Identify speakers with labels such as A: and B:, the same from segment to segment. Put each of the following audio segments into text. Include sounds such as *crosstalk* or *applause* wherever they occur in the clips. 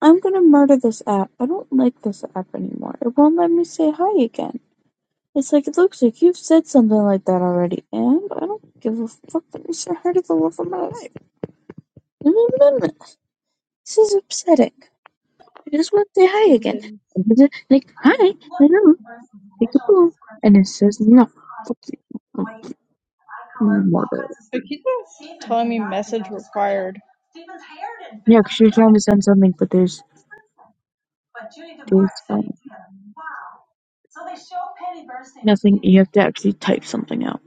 A: I'm gonna murder this app. I don't like this app anymore. It won't let me say hi again. It's like it looks like you've said something like that already, and I don't give a fuck that you said hi to the love of my life. No, no, no, no. This is upsetting. I just want to say hi again. And he's like, hi, hello, take a poo. And it says, no, fuck you. Murder.
B: But keep telling me message required.
A: Yeah, because you're trying to send something, but there's, there's um, nothing. You have to actually type something out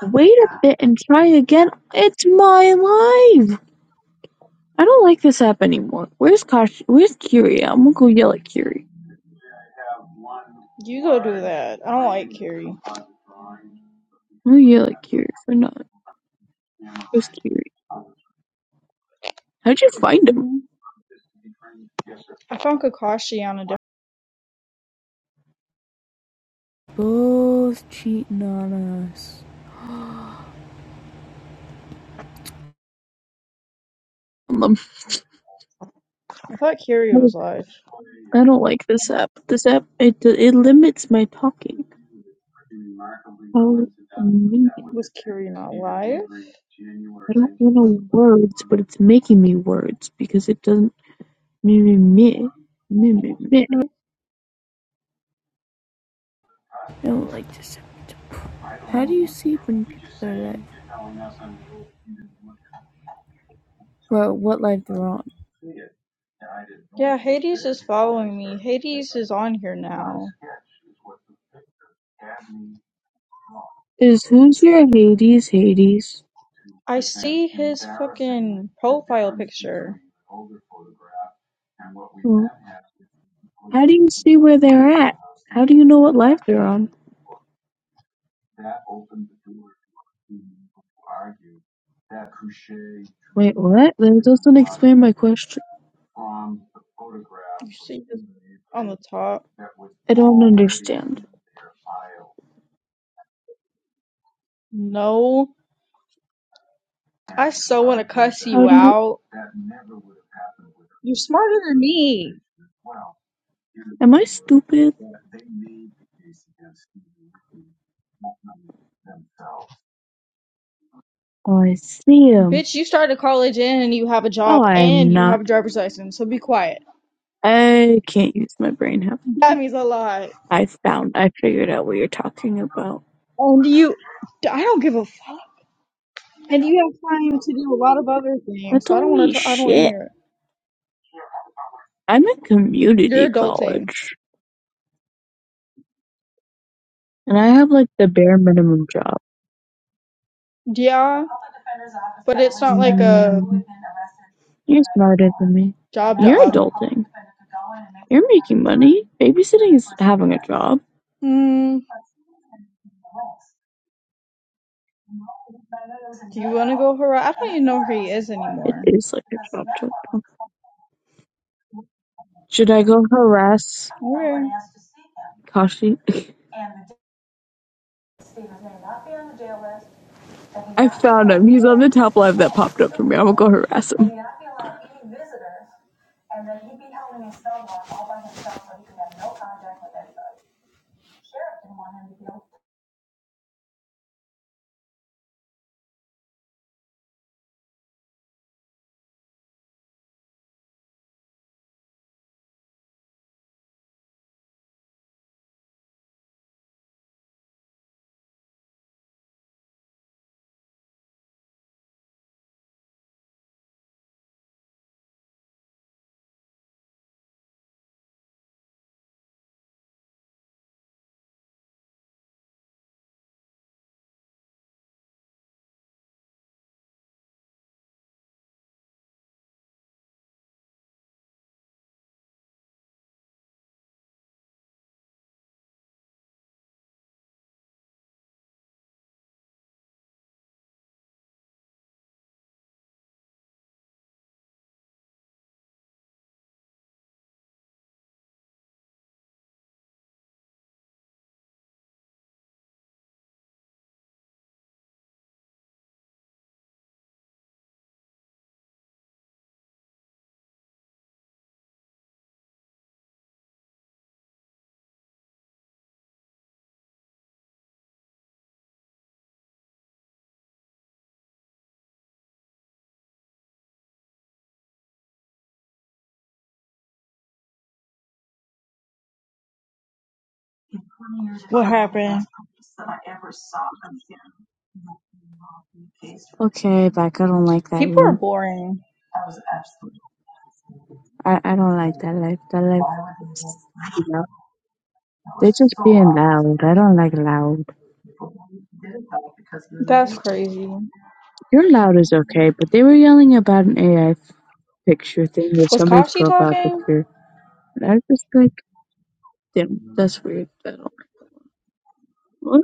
A: wait a bit and try again. It's my life. I don't like this app anymore. Where's Kash? Where's Kiri? I'm gonna go yell at Kiri.
B: You go do that. I don't like Kiri.
A: I'm gonna yell at Kiri for not. Where's Kiri? How'd you find him?
B: I found Kakashi on a different.
A: Both cheating on us. Um,
B: I thought Kiri was live.
A: I don't like this app. This app it it limits my talking. How mean!
B: Was Kiri not live?
A: I don't want to words, but it's making me words because it doesn't me me me me me me. I don't like this. How do you sleep when people are like, well, what life they're on?
B: Yeah, Hades is following me. Hades is on here now.
A: Is who's your Hades, Hades?
B: I see his fucking profile picture.
A: Well, how do you see where they're at? How do you know what life they're on? Wait, what? That doesn't explain my question.
B: You see this on the top?
A: I don't understand.
B: No. I so want to cuss
A: How
B: you
A: do you?
B: out. You're smarter than me.
A: Am I stupid? Oh, I see him.
B: Bitch, you started college and you have a
A: Oh,
B: job
A: I am
B: and you have
A: not.
B: a driver's license, so be quiet.
A: I can't use my brain half the
B: That
A: time.
B: means a lot.
A: I found. I figured out what you're talking about.
B: And you, I don't give a fuck. And you have time to do a lot of other things,
A: That's
B: so I don't want
A: only
B: to, I don't want to
A: shit.
B: hear it.
A: I'm in community
B: You're adulting.
A: college, and I have like the bare minimum job.
B: Yeah, but it's not like a
A: Mm, you're smarter than me.
B: job
A: You're
B: job.
A: adulting. You're making money. Babysitting is having a job.
B: Hmm. Do you want to go, Hurrah? I don't even know where he is
A: It
B: anymore.
A: is like a job. job. Should I go harass
B: Where?
A: Kashi? I found him. He's on the top live that popped up for me. I'm gonna go harass him.
B: What happened?
A: Okay, back. I don't like that
B: People are
A: room.
B: boring.
A: I, I don't like that life. That life. You know, they're just being loud. I don't like loud.
B: That's crazy.
A: You're loud is okay, but they were yelling about an AI picture thing with
B: Was
A: somebody's
B: Kashi
A: profile
B: talking?
A: picture, and I was just like, damn, that's weird. I don't. What?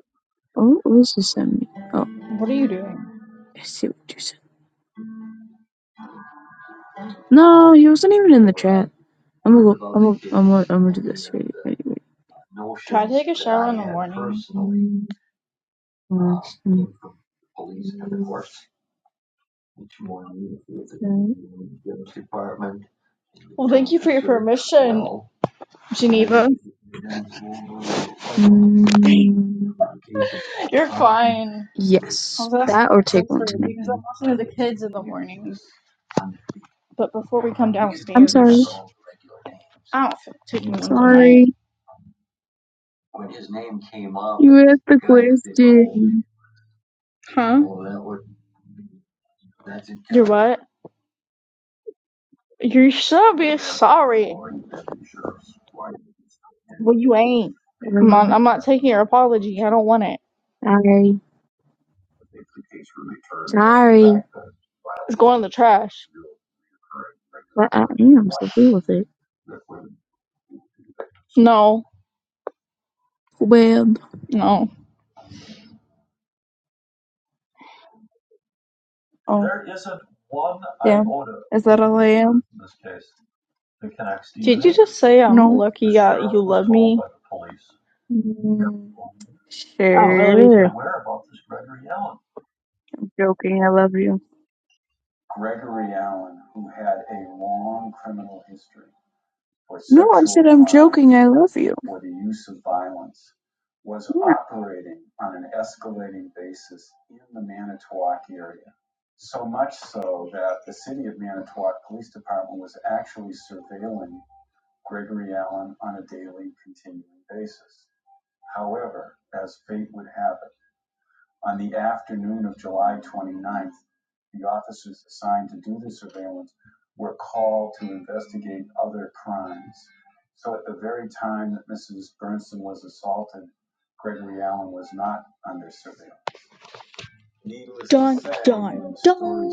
A: Oh, what was this send me? Oh,
B: What are you doing?
A: I see what you said. No, he wasn't even in the chat. I'm gonna go. I'm gonna. I'm gonna. I'm gonna do this. Ready? Ready? Ready?
B: Try to take a shower in the morning.
A: Mm, gosh, mm, mm, that-
B: Well, thank you for your permission, Geneva.
A: mm.
B: You're fine. I
A: Yes,
B: was asking
A: that or
B: my
A: take one
B: sister
A: tonight.
B: because I'm watching the kids in the morning. But before we come
A: I'm sorry.
B: downstairs, I don't feel like taking one tonight.
A: Sorry, you had the question.
B: Huh? You're what? You should be sorry. Well, you ain't. I'm
A: Sorry.
B: not, I'm not taking your apology. I don't want it.
A: Sorry. Sorry.
B: It's going in the trash.
A: But I am, so deal with it.
B: No,
A: Web.
B: no.
A: Oh, damn. Is that all I am?
B: Did you just say I'm
A: No.
B: lucky uh, you love me? Oh,
A: Mm,
B: I love you too.
A: sure. I'm joking. I love you. No, I said I'm joking. I love you. Yeah.
B: Dun, dun, dun.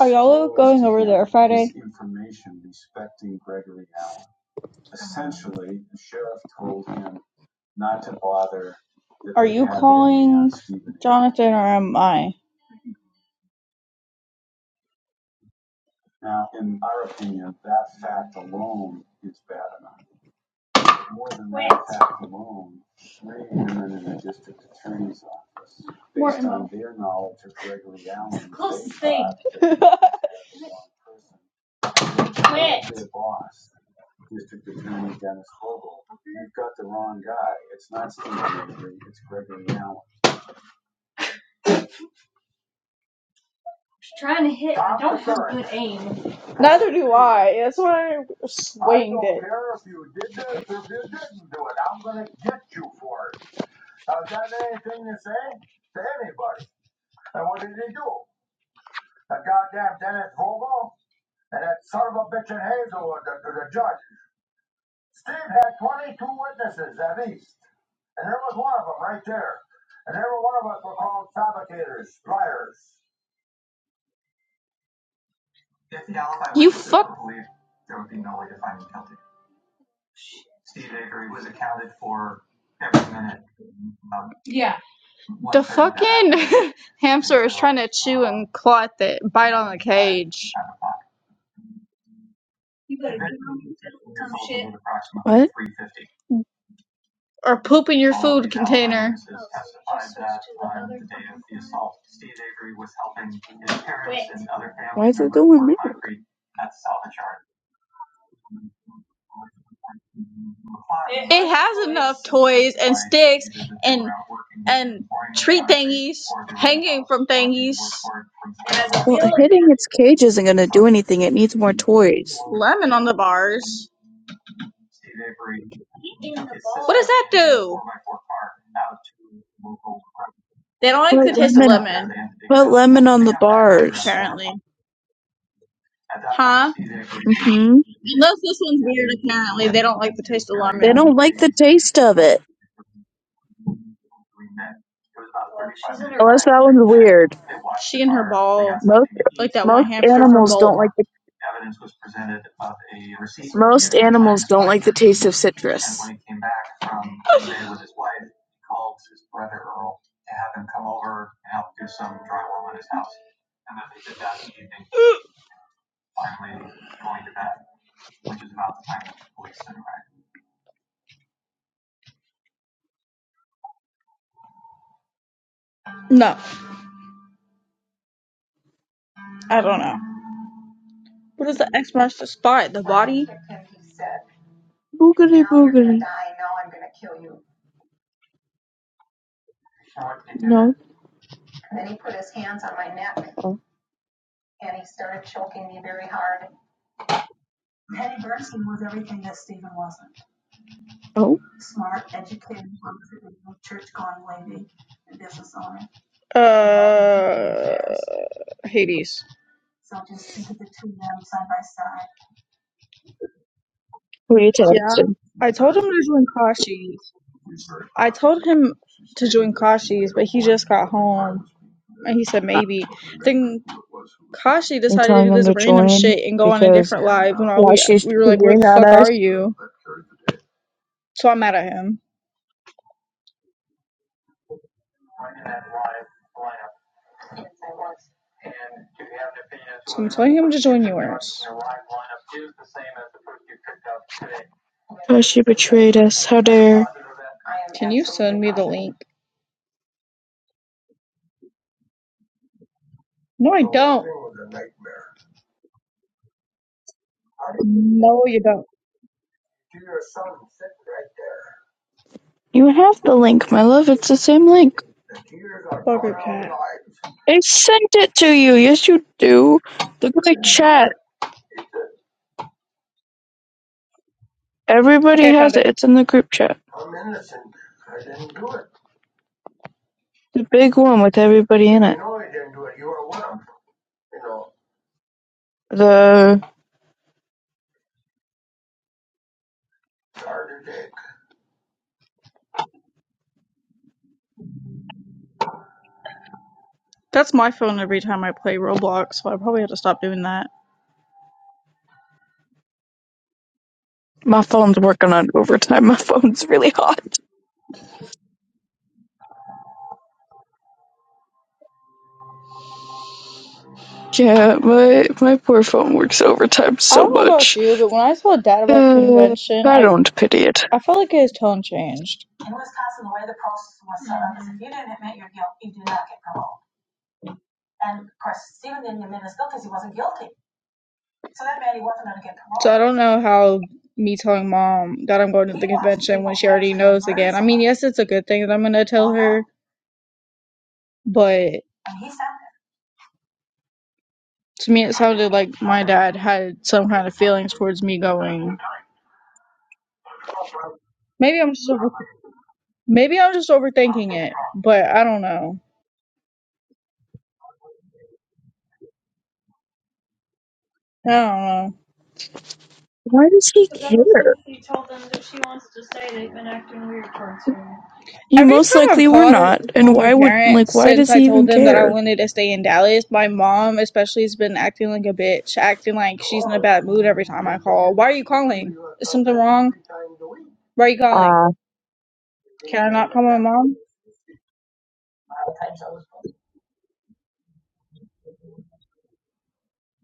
B: Are y'all going over there Friday? Jonathan or am I? *laughs* Neither do I. That's why I it. *laughs* claw at the bite on
A: What?
B: Or poop in your
A: Why is it doing this?
B: It has enough toys and sticks and and treat thingies hanging from thingies.
A: Well, hitting its cage isn't gonna do anything. It needs more toys.
B: Lemon on the bars. What does that do? They don't
A: Put
B: like the taste of
A: lemon.
B: lemon,
A: Put lemon on the bars.
B: apparently. Huh? Unless
A: Mm-hmm.
B: this one's weird, apparently. They don't like the taste of
A: They don't
B: lemon.
A: like the taste of it. Unless that one's weird.
B: She and her ball,
A: Most
B: like that one
A: most
B: hamster from
A: animals
B: Bolt.
A: don't like the most animals don't like the taste of citrus.
B: No. I don't know. What is the X marks the spot? The body?
A: Boogery boogery. No. Oh, oh,
B: Uh, Hades.
A: who are you
B: Yeah.
A: texting?
B: I told him to join Kashi's. I told him to join Kashi's, but he just got home. And he said
A: Uh,
B: maybe. Then Kashi
A: You're
B: decided to
A: telling
B: do
A: them
B: this
A: to
B: random
A: join
B: shit and go on a
A: because
B: different live when all
A: why
B: we
A: she's
B: we were like, Where
A: figuring
B: the
A: at
B: fuck
A: us?
B: are you? So I'm mad at him. So I'm telling him to join yours.
A: Because she betrayed us. How dare.
B: Can you send me the link? No, I don't. No, you don't.
A: You have the link, my love. It's the same link.
B: Bugger cat.
A: I sent it to you. Yes, you do. Look at the chat. Everybody
B: Okay, I found
A: has it.
B: it.
A: It's in the group chat. The big one with everybody in it. The.
B: That's my phone every time I play Roblox, so I probably have to stop doing that.
A: My phone's working on overtime. *laughs* My phone's really hot. Yeah, my my poor phone works overtime
B: I
A: so
B: don't know about
A: much.
B: you, but when I saw Dad about the
A: Uh,
B: convention,
A: I
B: I
A: don't pity it.
B: I felt like his tone changed. promoted. So I don't know how me telling mom that I'm going to the convention when she already knows again. I mean, yes, it's a good thing that I'm gonna tell her, but To me, it sounded like my dad had some kind of feelings towards me going. Maybe I'm just over, maybe I'm just overthinking it, but I don't know. I don't know.
A: Why does he care? You
B: Every
A: most
B: time I've
A: likely were
B: called or
A: not, and
B: called my
A: why would like
B: parents
A: why does
B: since I
A: he
B: told
A: even
B: them that I
A: care?
B: wanted to stay in Dallas, my mom especially has been acting like a bitch, acting like she's in a bad mood every time I call. Why are you calling? Is something wrong? Why are you calling?
A: Uh,
B: Can I not call my mom?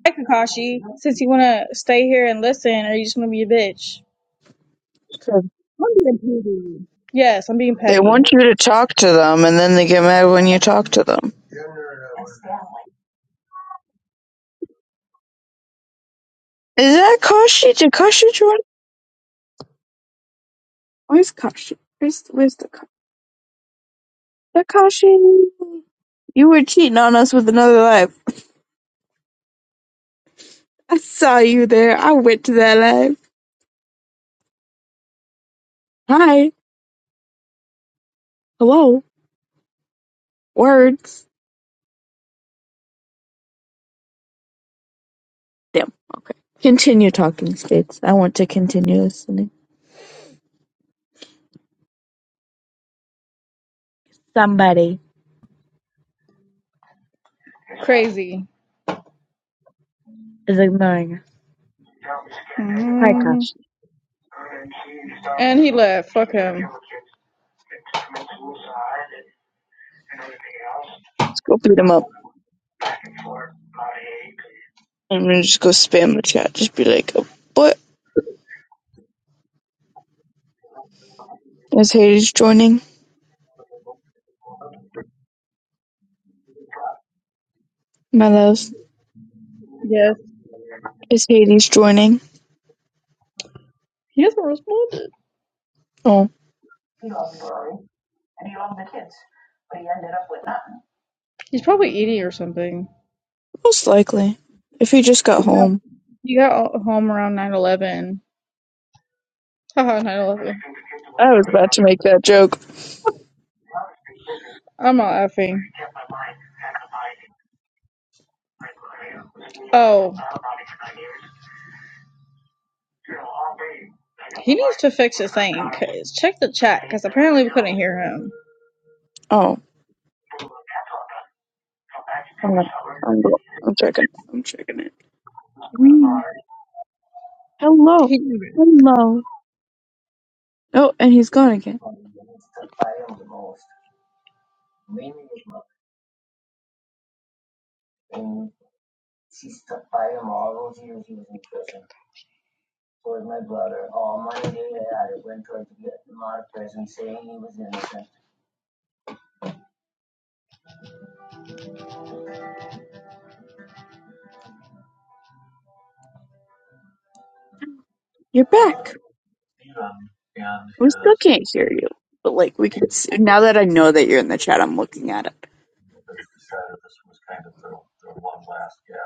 B: Hey Kakashi, since you wanna stay here and listen, are you just gonna be a bitch?
A: so
B: Yes, I'm being
A: They
B: petty.
A: want you to talk to them, and then they get mad when you talk to them. Is that Kashi? Did Kashi join? Where's Kashi? Where's where's the Kashi? The Kashi. You were cheating on us with another life. I saw you there. I went to that life. Hi. Hello. Words. Damn. Okay. Continue talking, Spades. I want to continue listening. Somebody
B: Crazy.
A: is ignoring us. Hi,
B: hmm
A: cops.
B: And he left. Fuck him.
A: Let's go beat him up. I'm gonna just go spam the chat. Just be like, oh, what? Is Hades joining? My love.
B: Yes.
A: Is Hades joining?
B: He hasn't responded.
A: Oh,
B: He's probably eating or something.
A: most likely. If he just got
B: Yeah.
A: home.
B: He got home around 9:11. 11 Haha, 9:11.
A: I was about to make that joke.
B: I'm not effing. Oh, he needs to fix his thing. 'cause- check the chat, because apparently we couldn't hear him.
A: Oh, hold on. I'm, I'm checking. it. I'm checking it. Wee. Hello.
B: He didn't
A: Hello. Oh, and he's gone again. You're back. We still can't hear you. But, like, we could see. Now that I know that you're in the chat, I'm looking at it.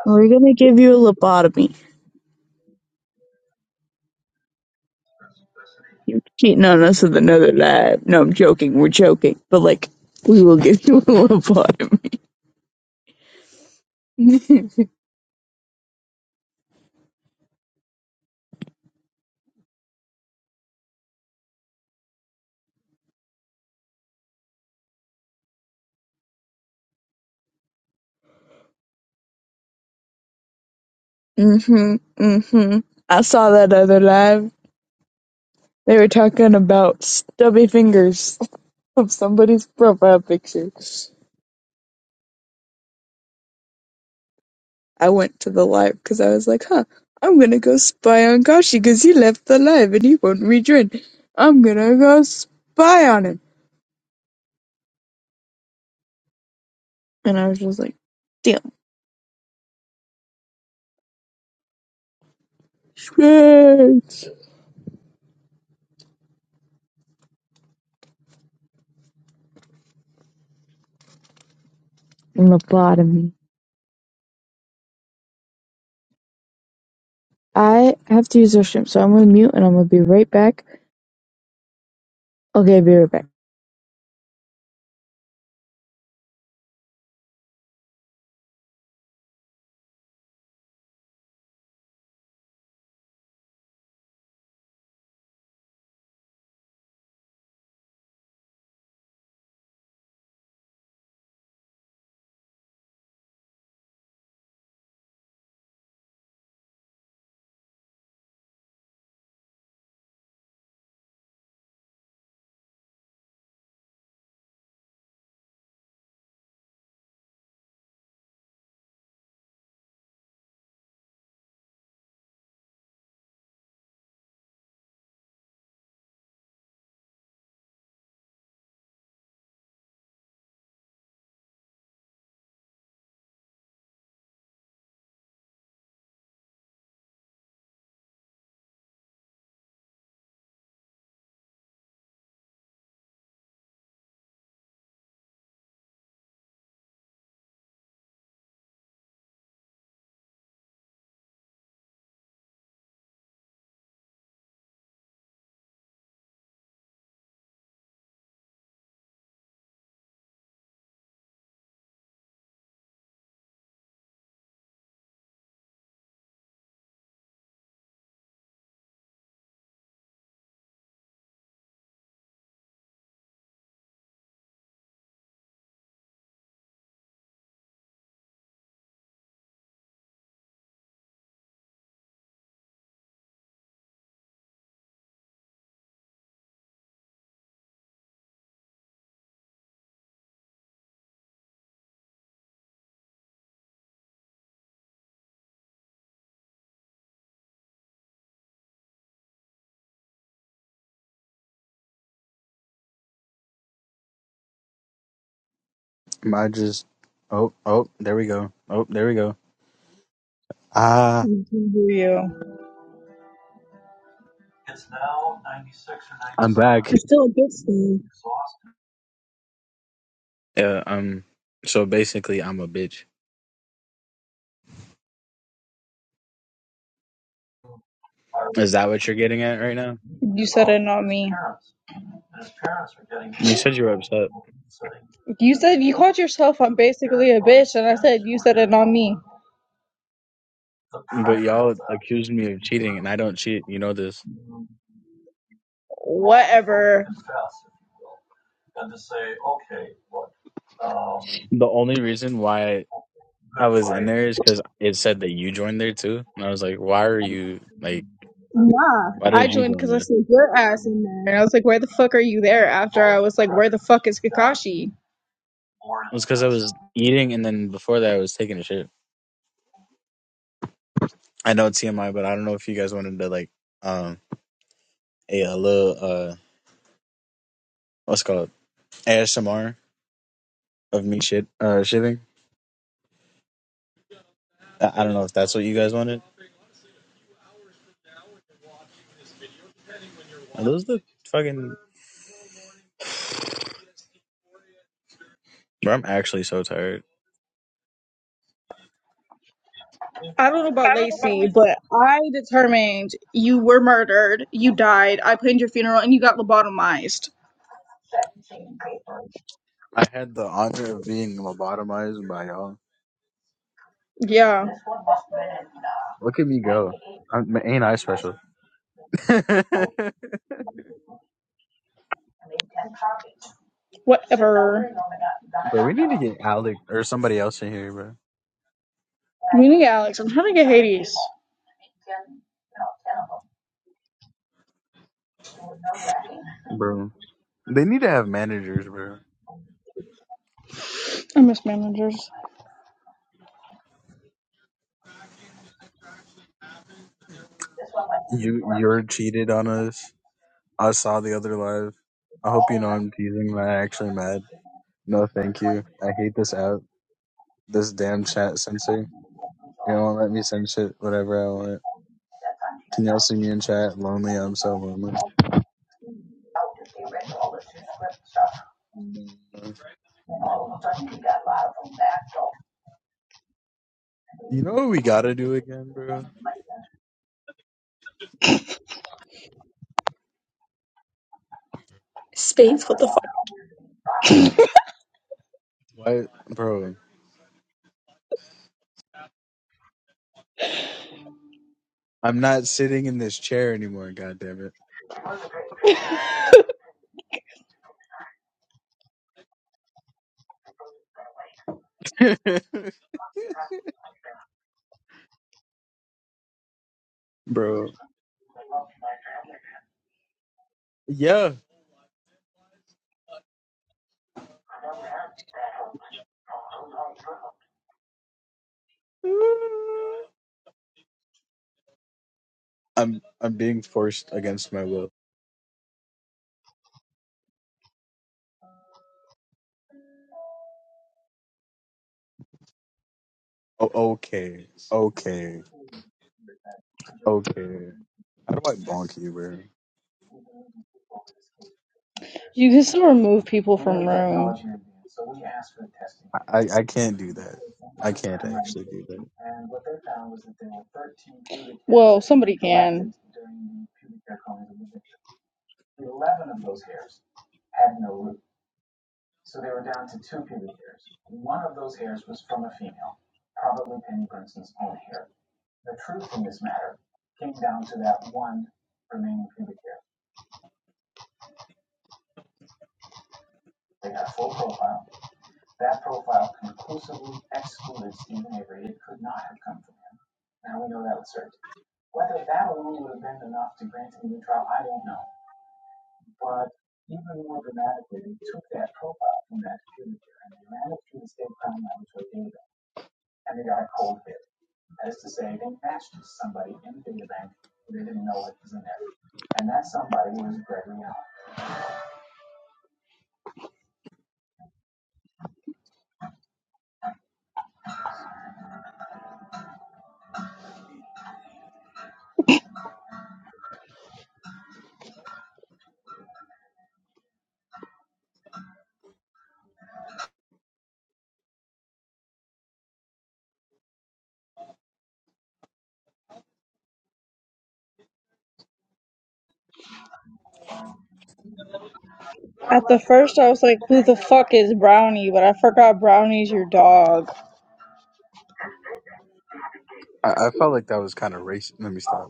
A: We're gonna give you a lobotomy. You're cheating on us with another lie. No, I'm joking. We're joking. But, like, we will get *laughs* you a little *laughs* mm-hmm. Mm-hmm. I saw that other live. They were talking about stubby fingers *laughs* of somebody's profile picture. I went to the live because I was like, huh, I'm gonna go spy on Kashi because he left the live and he won't rejoin. I'm gonna go spy on him. And I was just like, damn. Shit. And I have to use the restroom, so I'm gonna mute and I'm gonna be right back. Okay, be right back.
C: I just oh oh there we go. Oh there we go. Ah,
B: hear you.
C: I'm back. Yeah, um so basically I'm a bitch. Is that what you're getting at right now?
B: You said it, not me.
C: You said you were upset.
B: You said you called yourself I'm basically a bitch, and I said you said it, not me.
C: But y'all accused me of cheating and I don't cheat, you know this.
B: Whatever.
C: The only reason why I was in there is because it said that you joined there too. And I was like, Why are you like
B: Nah,
C: why
B: I
C: did you
B: joined
C: join
B: because I
C: there? It
B: said your ass in there. And I was like, where the fuck are you there? After I was like, where the fuck is Kakashi?
C: was because I was eating and then before that I was taking a shit. I know it's TMI, but I don't know if you guys wanted to like um a, a little uh what's it called? ASMR of me shit uh shitting. I, I don't know if that's what you guys wanted. Are those the fucking bro, I'm actually so tired.
B: I don't know about
C: I don't know about
B: Lacey, but I determined you were murdered, you died, I planned your funeral, and you got lobotomized.
C: I had the honor of being lobotomized by y'all.
B: Yeah,
C: Look at me go. I'm, ain't I special? *laughs* bro,
B: whatever.
C: we need to get Alec or somebody else in here, bro.
B: We need Alex. I'm trying to get Hades.
C: Bro. They need to have managers, bro.
B: I miss managers.
C: You you're cheated on us. I saw the other live. I hope you know I'm teasing, but I'm actually mad. No, thank you. I hate this app. This damn chat censor. They won't let me send shit whatever I want. Can y'all see me in chat? Lonely, I'm so lonely. You know what we gotta do again, bro?
A: Space, what the fuck?
C: Why, bro? I'm not sitting in this chair anymore. God damn it, *laughs* bro. Yeah, I'm I'm being forced against my will. Oh, okay, okay, okay. How do I bonk you, bro?
B: You can still remove people from room.
C: I I I can't do that. I can't actually do that.
B: At the first, I was like, who the fuck is Brownie? But I forgot Brownie's your dog.
C: I, I felt like that was kind of racist. Let me stop.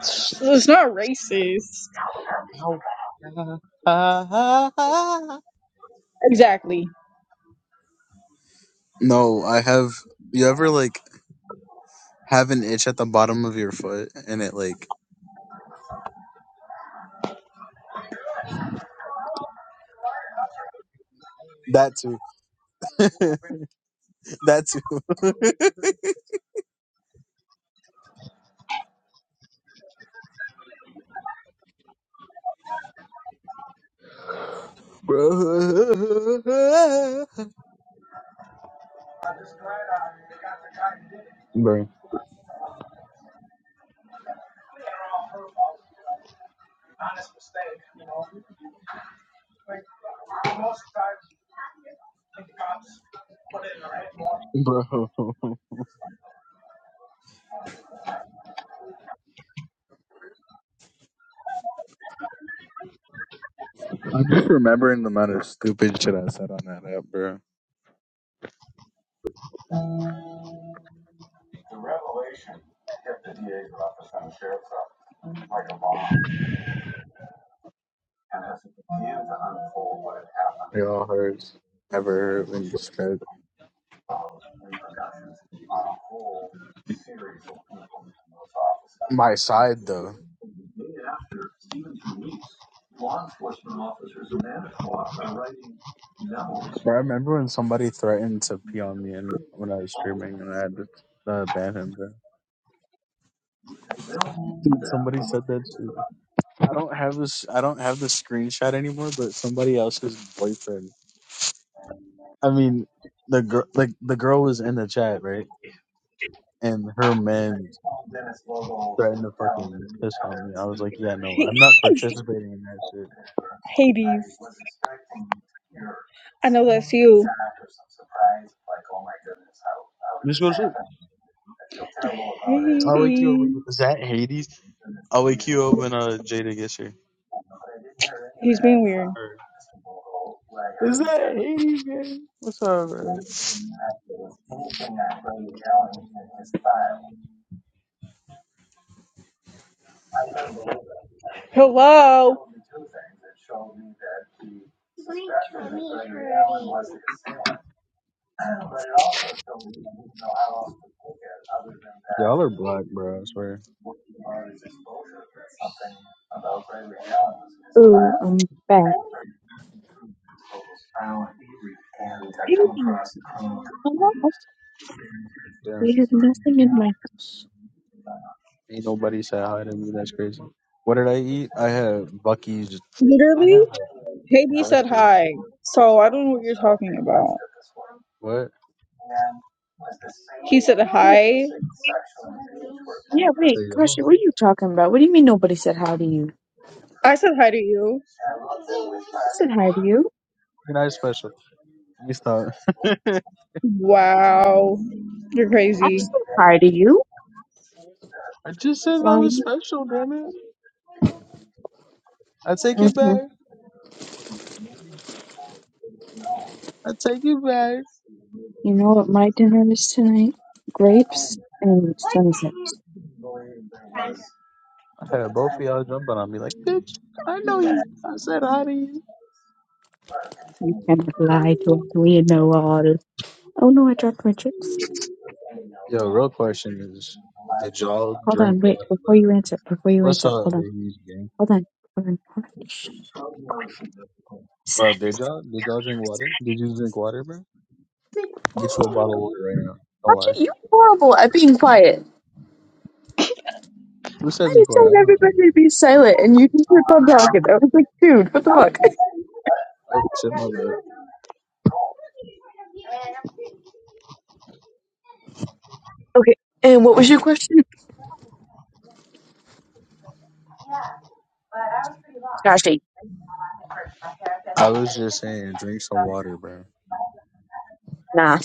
B: It's not racist.
C: *laughs* Ow. Ah, ah, ah, ah.
B: Exactly.
C: No, I have. You ever like have an itch at the bottom of your foot and it like that too, *laughs* that too, *laughs* bro, bro, bro. *laughs* I'm just remembering the amount of stupid shit I said on that app, bro. It all hurts. Never hurt when you scared. My side though. Bro, I remember when somebody threatened to pee on me and when I was streaming and I had to uh, ban him, bro. Dude, somebody said that too. I don't have this. I don't have the screenshot anymore. But somebody else's boyfriend. I mean, the girl, like the girl, was in the chat, right? And her man threatened to fucking piss on me. I was like, yeah, no, I'm not
B: I
C: participating in that shit.
B: know that's
C: Just go to sleep. I'll wake you up.
B: Hades.
C: Is that Hades? I'll wake you up when uh Jada gets here. Or- Is that Hades? Man? What's up, bro?
B: Hello.
C: Y'all are black, bro. I swear.
A: Ooh, I'm back. Hey, I'm not actually-
C: Damn.
A: There's nothing in my. house.
C: Ain't nobody said hi to me. That's crazy. What did I eat? I had Bucky's. I
B: Literally,
C: had a
B: Haiti
C: breast.
B: said hi. So I don't know what you're talking about.
C: What?
B: He said
A: No,
B: hi.
A: Yeah, wait,
C: Say yo.
A: Carson, what are you talking about? What do you mean nobody said hi to you?
B: I said hi to you.
A: I said hi to you.
C: You're not special. Let me stop. *laughs*
B: Wow. You're
A: I
B: crazy.
A: said hi to you.
C: I just said I
A: Why?
C: was special. Damn it. I take it
A: hmm
C: back. I take it back.
A: You know what my dinner is tonight? Grapes and sun chips.
C: I had both of y'all jumping on me like, bitch. I know you. I said hi to you.
A: You cannot lie to us. We know all. Oh no, I dropped my chips.
C: Yo, real question is, did y'all
A: Hold
C: drink
A: on, wait,
C: water? Bro?
A: before you answer, before you
C: What's
A: answer,
C: up,
A: hold on.
C: Hades gang?
A: Hold on. Hold on. Hold on. Shh.
C: Well,
A: Silent.
C: did y'all did y'all drink water? Did you drink water, bro? Get you a bottle of water right now. Don't lie.
A: Actually, you're horrible at being quiet.
C: Who said
A: I
C: be
A: just
C: quiet?
A: told
C: I don't.
A: everybody to be silent, and you just kept on talking. I was like, dude, what the fuck? *laughs*
C: Oh shit, my bad.
A: Okay. And what was your question? Tashi.
C: I was just saying, drink some water, bro.
A: Nah.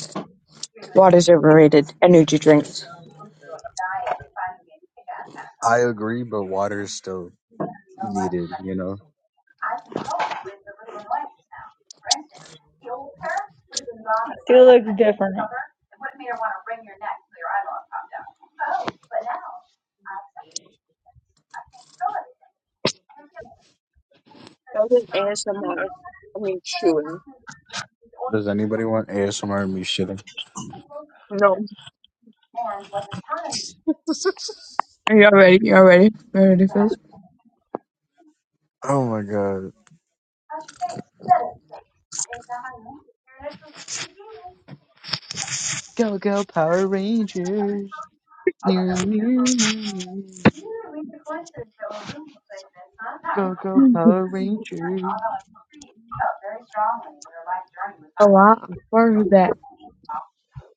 A: Water's overrated. Energy drinks.
C: I agree, but water is still needed. You know.
B: Still looks different.
A: Doesn't ASMR. I mean, chewing.
C: Does anybody want ASMR me shitting?
A: No.
C: *laughs*
A: Are y'all ready? Y'all ready? Y'all ready for this?
C: oh my god. Go go Power Rangers. New new new. Go go Power Rangers.
A: Allah Akbar, who that?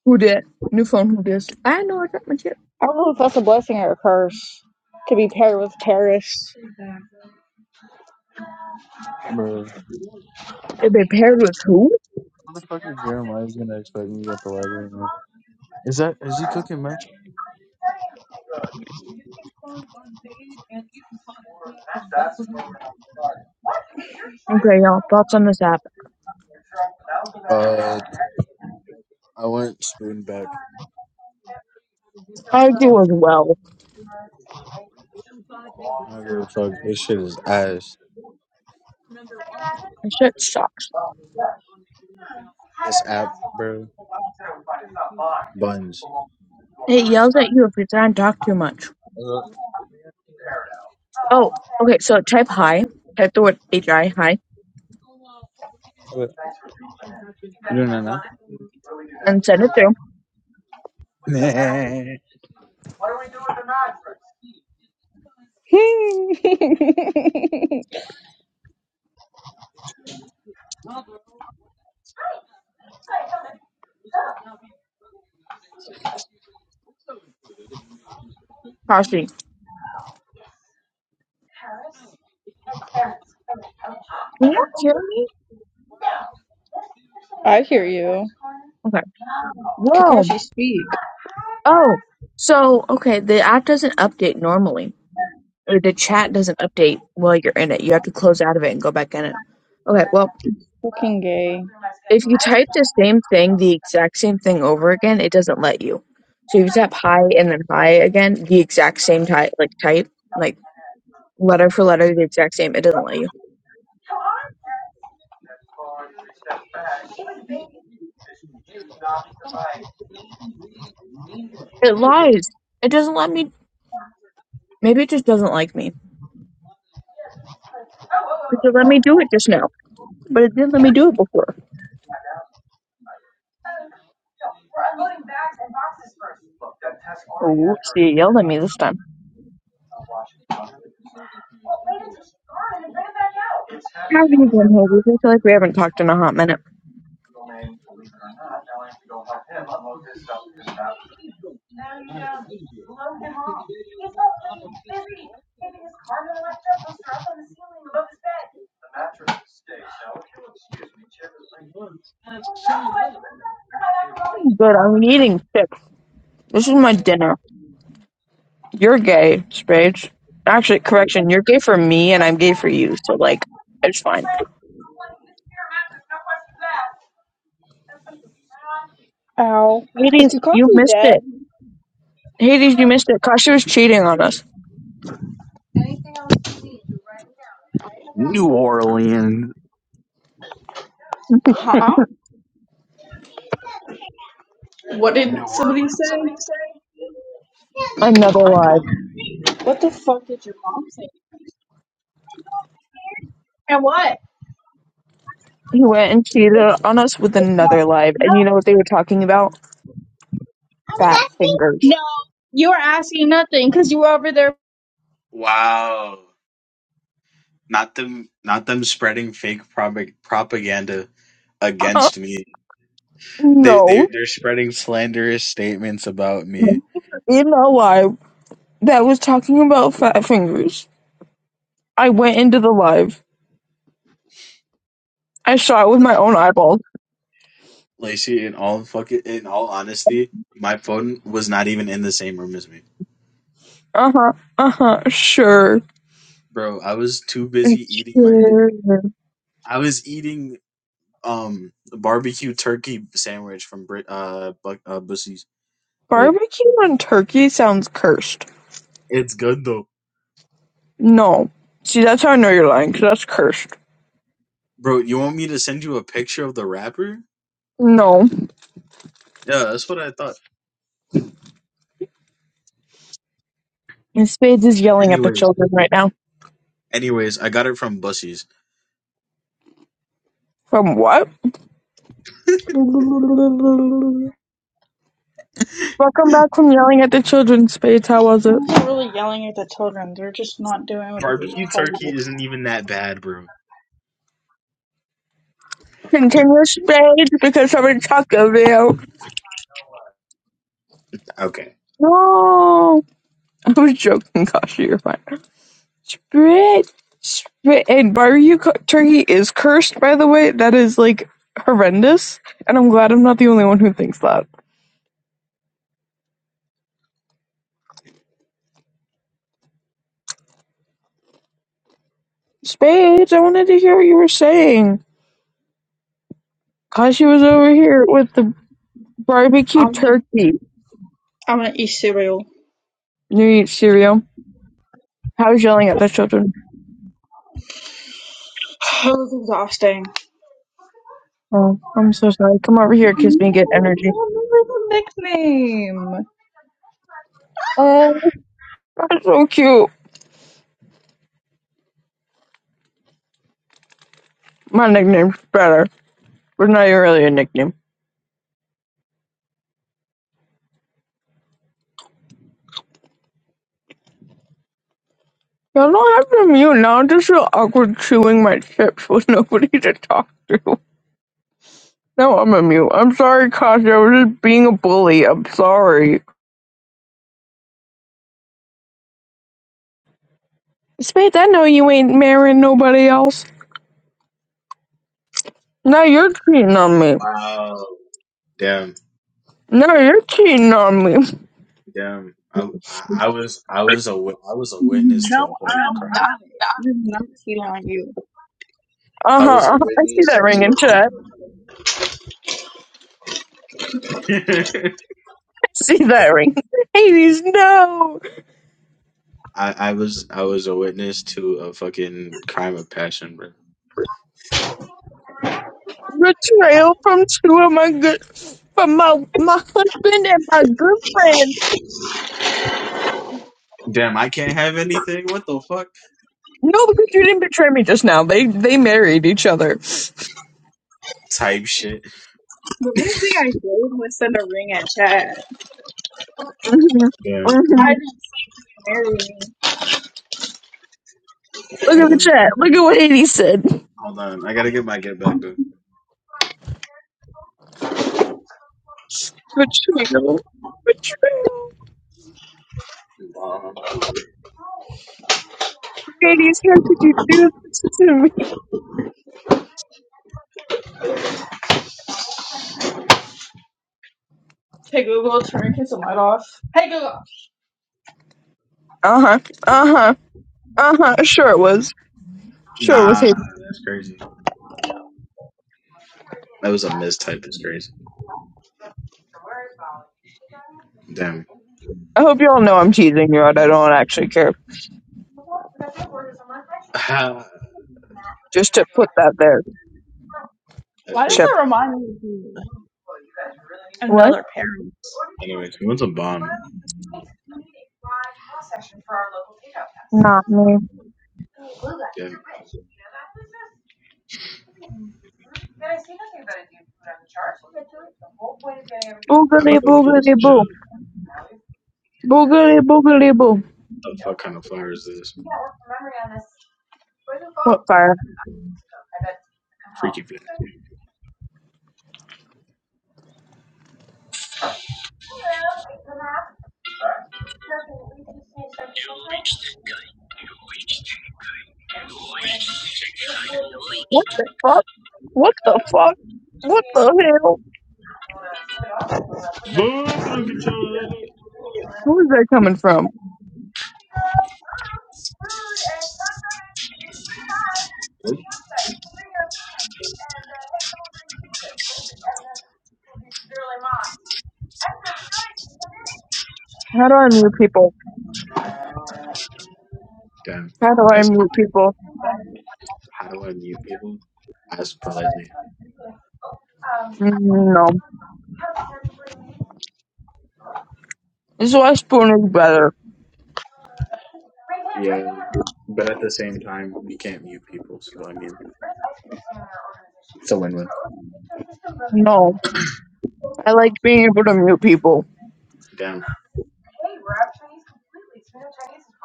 A: Who that? New phone, who this? I know I got my chip.
B: I don't know if that's a blessing or a curse to be paired with Paris.
C: Bro,
A: It been paired with who?
C: motherfucker Jeremiah's gonna expect me at the library. Man. Is that is he cooking, man?
A: Okay, y'all, thoughts on this app?
C: Uh, I went spoon back.
A: I do as well.
C: Fuck, this shit is ass.
A: That shit sucks.
C: This app, bro. buns.
A: It yells at you if you try and talk too much.
C: Uh,
A: Oh, okay, so type hi. Type the word H-I, hi, and send it through.
C: *laughs* nah.
B: *laughs*
A: Parsley. Can you hear me?
B: I hear you.
A: Okay. Whoa.
B: Kakashi, speak.
A: Oh. So, okay, the app doesn't update normally. Or the chat doesn't update while you're in it. You have to close out of it and go back in it. Okay, well,
B: Fucking gay.
A: if you type the same thing, the exact same thing over again, it doesn't let you. So if you tap hi and then hi again, the exact same type, like type. like. letter for letter the exact same. It doesn't let you. It lies. It doesn't let me. Maybe it just doesn't like me. Because it let me do it just now, but it didn't let me do it before. Oh, whoops! It yelled at me this time. How have you been, Haley? I feel like we haven't talked in a hot minute. I'm good. I'm eating chips. This is my dinner. You're gay, Spage. Actually, correction. You're gay for me, and I'm gay for you. So like, it's fine.
B: Ow.
A: Hades,
B: Because
A: you
B: of
A: missed
B: dead?
A: it. Hades, you missed it. Kashi was cheating on us.
C: New Orleans.
B: Huh? What did
C: New
B: somebody
C: Orleans.
B: say?
A: Another lie.
B: What the fuck did your mom say? And what?
A: He went and cheated on us with another live,
B: No,
A: and you know what they were talking about?
B: I was
A: Fat
B: asking.
A: fingers.
B: No,
A: *laughs*
B: you were asking nothing because you were over there.
C: Wow. Not them not them spreading fake propag- propaganda against me. They they
A: no,
C: they're spreading slanderous statements about me.
A: in a live that was talking about fat fingers. I went into the live. I saw it with my own eyeballs.
C: Lacey, in all fucking in all honesty, my phone was not even in the same room as me.
A: Uh huh. Uh huh. Sure.
C: Bro, I was too busy eating my shit.
A: Sure.
C: I was eating um barbecue turkey sandwich from Brit uh, Buc- uh Bussy's. Wait,
A: Barbecue and turkey sounds cursed.
C: it's good though.
A: No. See, that's how I know you're lying, 'cause that's cursed.
C: Bro, you want me to send you a picture of the wrapper?
A: No.
C: Yeah, that's what I thought.
A: And Spades is yelling at the
C: Anyways,
A: children right now.
C: anyways, I got it from Bussies.
A: From what?
B: They're
C: *laughs*
A: Welcome back from yelling at the children, Spades. How was it?
B: really yelling at the children. They're just not doing what
C: Barbecue
B: they're
C: turkey
B: told.
C: isn't even that bad, bro.
A: continuous stage because someone talked about
C: Okay.
A: no. I was joking, Kashi. You're fine. Spit, spit, and barbecue cu- turkey is cursed. By the way, that is like horrendous, and I'm glad I'm not the only one who thinks that. Spades, I wanted to hear what you were saying. Kashi was over here with the barbecue
B: I'm gonna,
A: turkey.
B: I'm gonna eat cereal.
A: You eat cereal. How was yelling at the children?
B: *sighs* That was exhausting.
A: Oh, I'm so sorry. Come over here,
B: I
A: kiss me, get
B: don't
A: energy.
B: remember the nickname.
A: Oh, that's so cute. My nickname's better. was not even really a nickname. Y'all don't have to mute now. I'm just so awkward chewing my chips *laughs* with nobody to talk to. No, I'm a mute. I'm sorry, Kasha. I was just being a bully. I'm sorry. Spade, I know you ain't marrying nobody else. Now you're cheating on me.
C: Wow. Damn.
A: Now you're cheating on me.
C: Damn. I I, I was I was a wit- I was a witness to
B: No,
C: a horror.
B: I'm not. I'm not cheating on you.
A: Uh
C: I was a
A: huh. I see that
C: witness
A: ring
C: to a
A: in chat.
C: crime of passion.
A: I see that ring. Hades, no
C: *laughs* I, I was I was a witness to a fucking crime of passion, bro.
A: betrayal from two of my good, from my my husband and my good friend.
C: Damn, I can't have anything. What the fuck?
A: No, because you didn't betray me just now. They they married each other.
C: Type shit.
B: The only thing
C: *laughs*
B: I did was send a ring at Chad.
A: Mhm,
C: Damn.
A: mhm.
B: I didn't say you marry me
A: Look at
C: Hold
A: the
C: on.
A: chat. Look at what Hades said.
C: Hold on, I gotta get my get back though.
A: Betrayal. Betrayal.
C: Um,
A: Hades, how could you do this to me?
B: Hey Google. Tra- hey,
A: Uh huh. Uh huh. Uh huh. Sure it was. Sure it was
C: nah,
A: Hades.
C: that's crazy. That was a mistype. That's crazy. Damn.
A: I hope you all know I'm teasing you out. I don't actually care.
C: *laughs* that's
A: Just to put that there,
B: why does
C: crazy.
A: Chip.
B: that remind me of
A: What?
B: another parent?
C: Anyway, he wants a bomb.
A: Not me.
C: Damn, I'm
A: Boogity
C: about to blow
A: boogity
C: some shit
A: boo.
C: up.
A: Boogity boogity boo.
C: The fuck kind of flower is this?
A: What fire?
C: Freaky flag.
A: What the fuck? What the fuck? What the hell?
C: Boy, if you don't get your
A: Who is that coming from? How do I mute people?
C: damn.
A: How do
C: I
A: I
C: swear.
A: mute people?
C: How do I mute people? Ask politely.
A: Mm, No. This is why Spoon is better.
C: Yeah, but at the same time, we can't mute people. So I mean, it's a win-win.
A: No. I like being able to mute people.
C: Damn.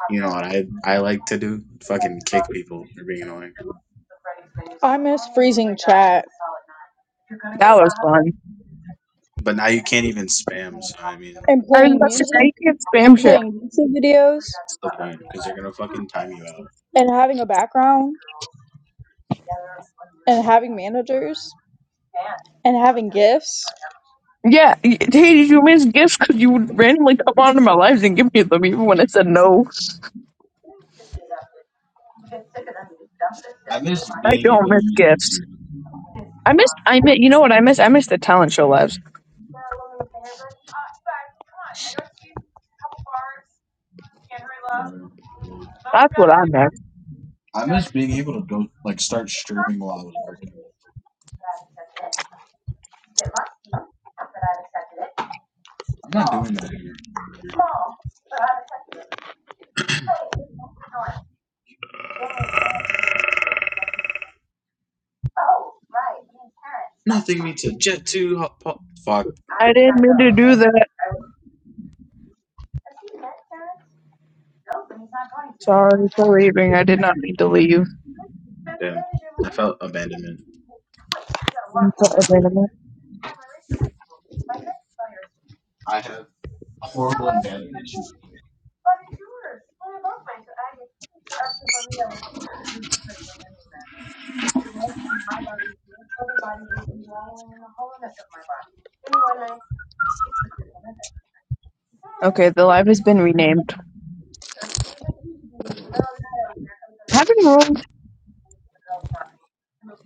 C: You know what I I like to do? Fucking kick people for being annoying.
B: I miss freezing chat
A: That was fun.
C: But now you can't even spam. So I mean,
B: and
A: I mean,
B: playing
A: that's
C: what's the
A: I
B: music
A: can't spam
B: and
A: shit.
B: playing YouTube videos
C: what's the point? Because they're gonna fucking time you out.
B: and having a background and having managers and having gifts.
A: Yeah. y- Hey, did you miss gifts? Because you would randomly come onto my lives and give me them even when I said no.
C: I miss
A: I
C: being
A: don't
C: able to
A: miss
C: use
A: gifts.
C: YouTube,
A: I miss, I miss, you know what I miss? I miss the talent show lives.
C: bro.
A: That's what I miss.
C: I miss being able to go like start streaming while I was working. I'm not doing that anymore. Nothing beats a Jet two. Hot, pop. Fuck
A: I didn't mean to do that. Sorry for leaving. I did not mean to leave.
C: damn. I felt abandonment.
A: I'm so abandoned.
C: I have horrible abandonment issues.
A: Okay, the live has been renamed. Having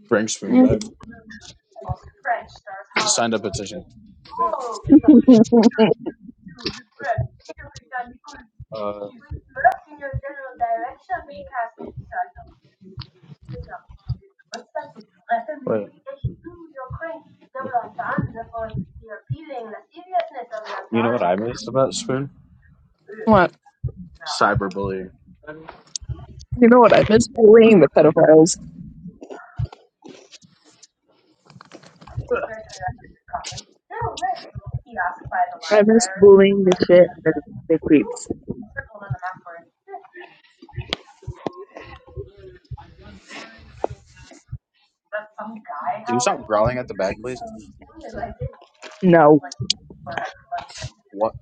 C: Bring
A: room.
C: Spoon back. Signed a petition. Uh, wait. You know what I miss about Spoon?
A: What?
C: Cyberbullying.
A: You know what? I miss bullying the pedophiles. I miss bullying the shit and the, the creeps.
C: Can you stop growling at the back, please?
A: No.
C: What?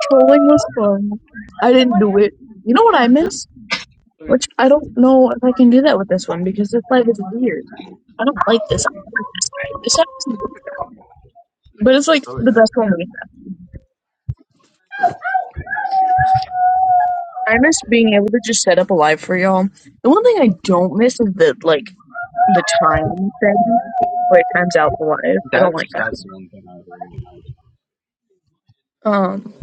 A: Trolling was fun. I didn't do it. You know what I miss? Which I don't know if I can do that with this one because this life is weird. I don't like this. I don't like this. This happens- But it's like
C: Oh, wait,
A: the
C: no.
A: best one. we- I miss being able to just set up a live for y'all. The one thing I don't miss is the like the time thing. Where it times out the live. I don't
C: That's
A: like that.
C: that's the one thing I
A: Um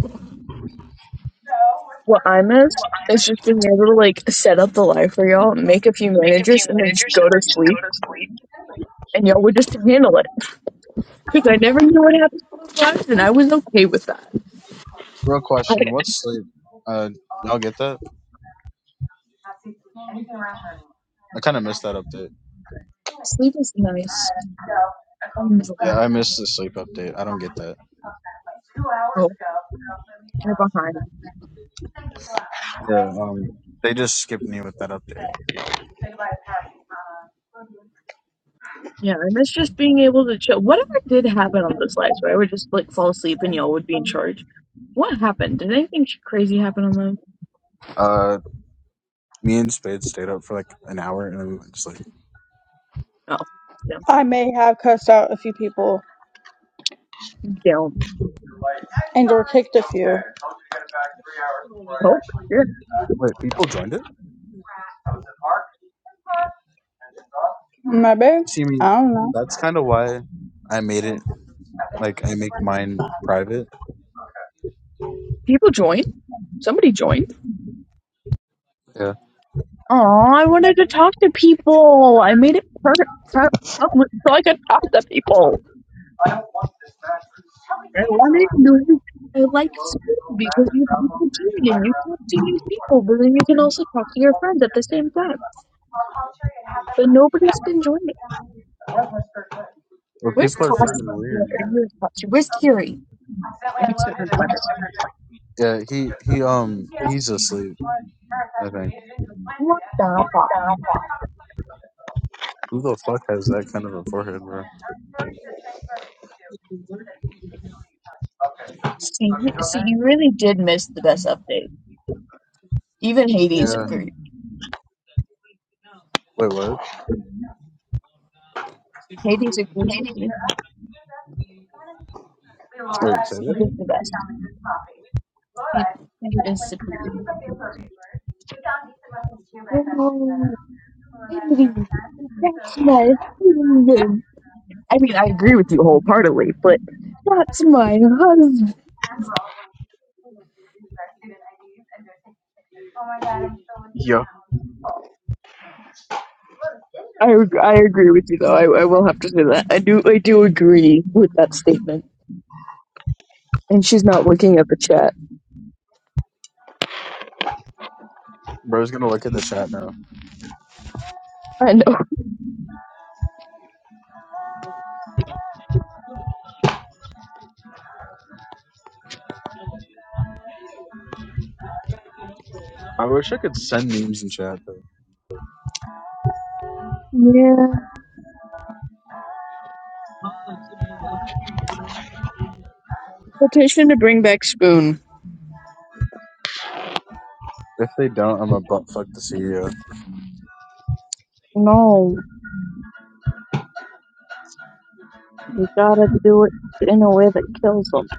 A: What I miss is just being able to like set up the live for y'all, make a few
C: make a few
A: managers, and then just
C: managers,
A: go
C: and
A: to
C: then just go
A: sleep,
C: to sleep.
A: and y'all would just handle it. Because I never knew what happened to those lives, and I was okay with that.
C: Real
A: I,
C: question. What's sleep? Uh, y'all get that? I kind of missed that update.
A: sleep is nice. I enjoy.
C: Yeah, I missed the sleep update. I don't get that.
A: Oh, they're behind.
C: Yeah. Um, they just skipped me with that update.
A: Yeah, I miss just being able to chill. Whatever did happen on those lives, where I would just like fall asleep and y'all would be in charge. What happened? Did anything sh- crazy happen on them?
C: Uh, me and Spade stayed up for like an hour and then we went to sleep.
A: Oh, no.
B: I may have cussed out a few people
A: Damn.
B: And Andor kicked a few.
A: Oh, yeah.
C: Wait, people joined it?
B: Maybe.
C: See, I mean,
B: I don't know. *laughs*
C: that's kind of why I made it. Like, I make mine private.
A: People join. Somebody joined.
C: Yeah.
A: Oh, I wanted to talk to people. I made it per- per- public so I could talk to people. I wanted to know what I like school because you people do it and You talk to these people, but then you can also talk to your friends at the same time. But nobody's been joining.
C: Well,
A: Where's
C: people are
A: Cost?
C: fucking
A: Or
C: weird. bro.
A: where's Cost? Where's Kiri? I mixed up her letter.
C: Yeah. He he um he's asleep. I think. Nah,
A: What the fuck?
C: Who the fuck has that kind of a forehead?
A: See, see, you really did miss the best update. Even Hades
C: Yeah.
A: agreed. Hades agrees with me. She did
C: Really?
A: the best. She she is superior. Oh, Heidi, that's my husband. I mean, I agree with you wholeheartedly, but that's my husband.
C: Yo,
A: I, ag- I agree with you though. I, I will have to say that. I do I do agree with that statement. And she's not looking at the chat.
C: bro's gonna look at the chat now.
A: I know.
C: I wish I could send memes in chat though.
A: Yeah. Petition to bring back Spoon.
C: If they don't, I'm a butt fuck the CEO.
A: No, you gotta do it in a way that kills them.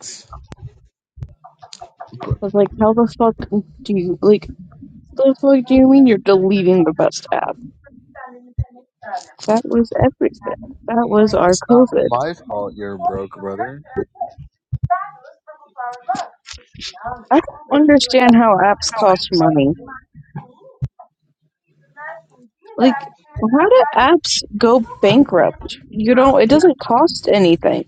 C: It's
A: But like, how the fuck do you like? The fuck do you mean you're deleting the best app? That was everything. That was our
C: not
A: COVID.
C: my fault you're broke, brother.
A: I don't understand how apps cost money. Like, how do apps go bankrupt? You know, it doesn't cost anything.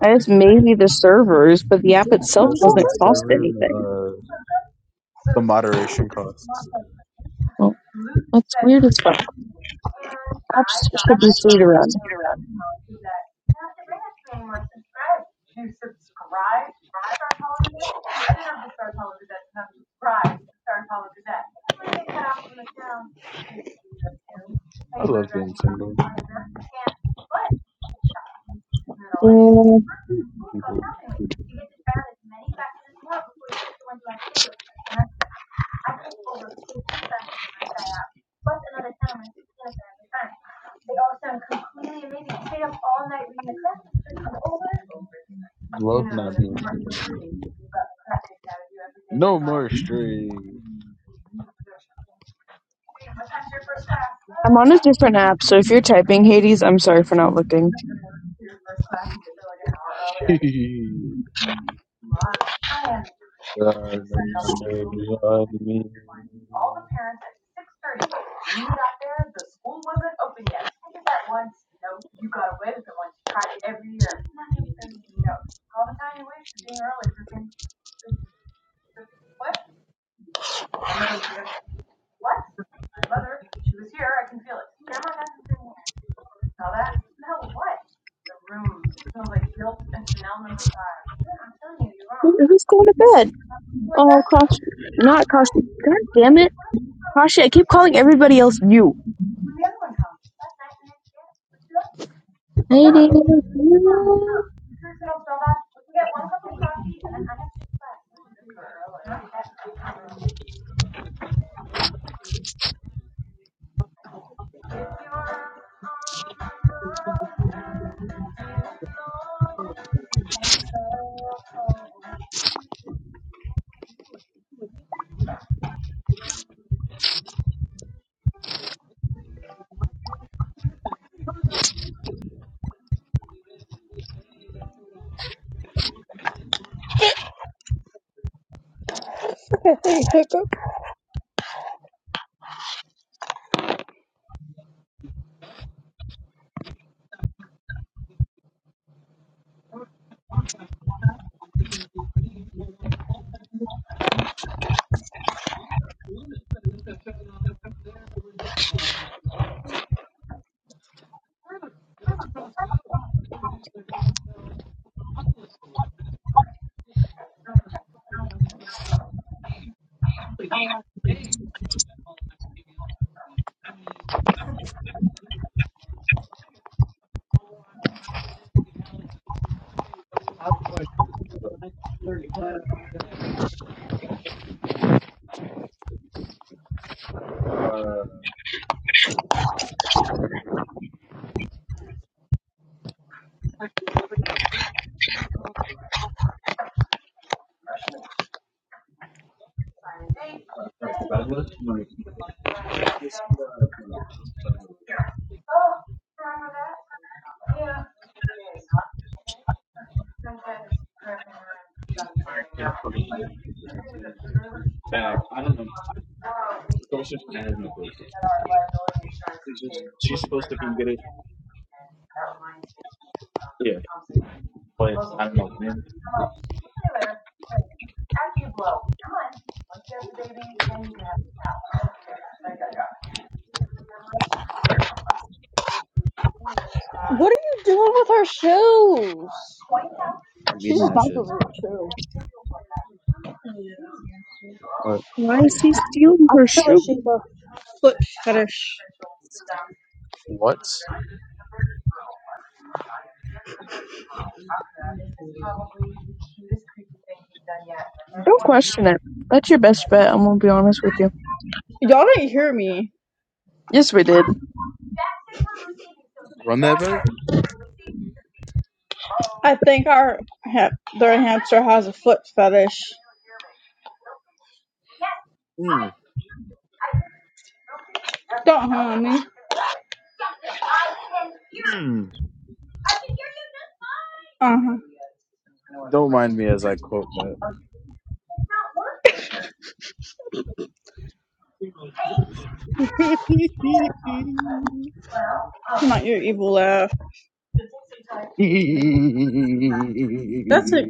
A: I guess maybe the servers, but the app
C: It's
A: itself
C: most of the
A: doesn't cost
C: server and
A: anything.
C: the, uh, the moderation costs.
A: Well, that's weird as fuck. Apps should be free to run.
C: I love being single.
A: Yeah.
C: People love not being single. No more strings.
A: I'm on a different app, so if you're typing Hades, I'm sorry for not looking.
C: *laughs* there are no strings on me.
A: Who- Who's going to bed? Oh, Kashi. Not Kashi. God damn it. Kashi, I keep calling everybody else you.
C: Oh
A: Hades.
C: wow.
A: yeah.
B: Hey, Hiccup.
C: Yeah.
B: What are you doing with her shoes?
C: I'm
B: She's
C: eating
B: just
C: that
B: about the
C: shit.
B: real a shoe.
C: But
A: Why is he stealing
B: I
A: her
B: feel like
A: shoe?
B: she's a foot fetish.
C: what?
A: Don't question it. That's your best bet, I'm gonna be honest with you.
B: Y'all didn't hear me.
A: Yes, we did.
C: Run that back?
B: I think our ha- their hamster has a foot fetish.
C: Mm,
B: Don't harm me.
C: mm.
B: Uh
C: Don't mind me as I quote that.
B: huh. Not your evil laugh. That's it.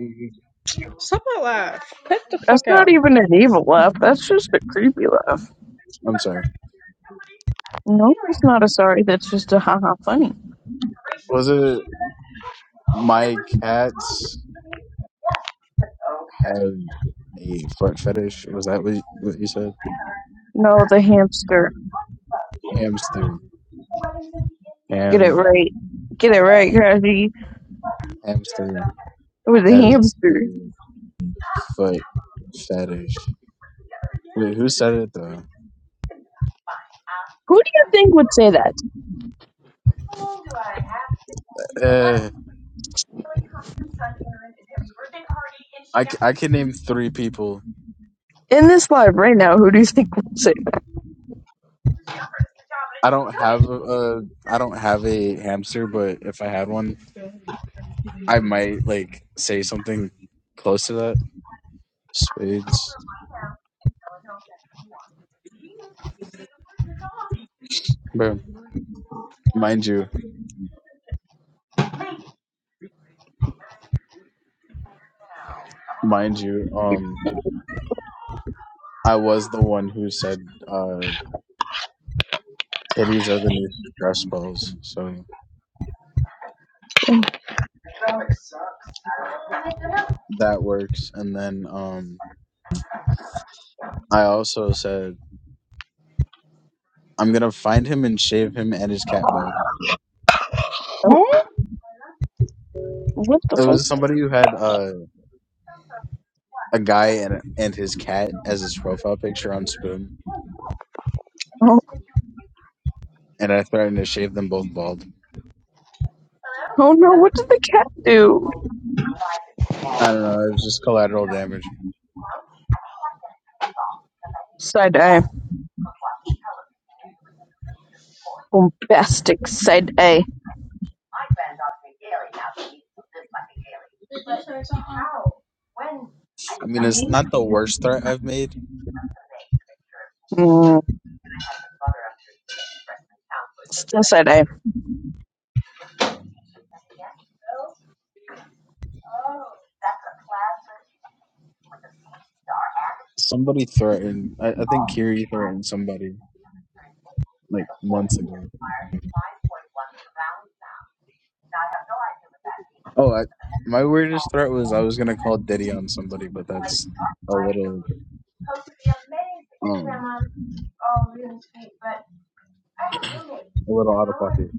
B: Stop that laugh. Cut the
A: That's
B: fuck
A: not
B: out.
A: even an evil laugh. That's just a creepy laugh.
C: I'm sorry.
A: No, it's not a sorry. That's just a haha funny.
C: Was it my cats have a foot fetish? Was that what you, what you said?
A: No, the hamster.
C: Hamster.
A: Get it
C: Ham.
A: right. Get it right, Crafty.
C: Hamster
A: It was a
C: has
A: hamster.
C: the foot fetish. Wait, who said it though?
A: Who do you think would say that?
C: Uh, I, c- I can name three people
A: In this live right now, who do you think would say that?
C: I don't have a, a I don't have a hamster, but if I had one, I might like say something close to that. Spades, bro. Mind you, mind you, um, I was the one who said uh, titties are the new stress balls, so
A: Damn.
C: that works. And then um, I also said I'm gonna find him and shave him and his cat bald.
A: Oh,
B: Huh?
A: what the
C: It
A: fuck?
C: was somebody who had uh, a guy and and his cat as his profile picture on Spoon,
A: Oh,
C: and I threatened to shave them both bald.
A: oh no, what did the cat do?
C: I don't know. It was just collateral damage.
A: Side eye. Bombastic side A.
C: I mean, it's not the worst threat I've made.
A: Mm, still side A.
C: Somebody threatened. I, I think Kiri threatened somebody like months ago. Oh, I, my weirdest threat was I was gonna call Diddy on somebody, but that's a little um a little out of pocket.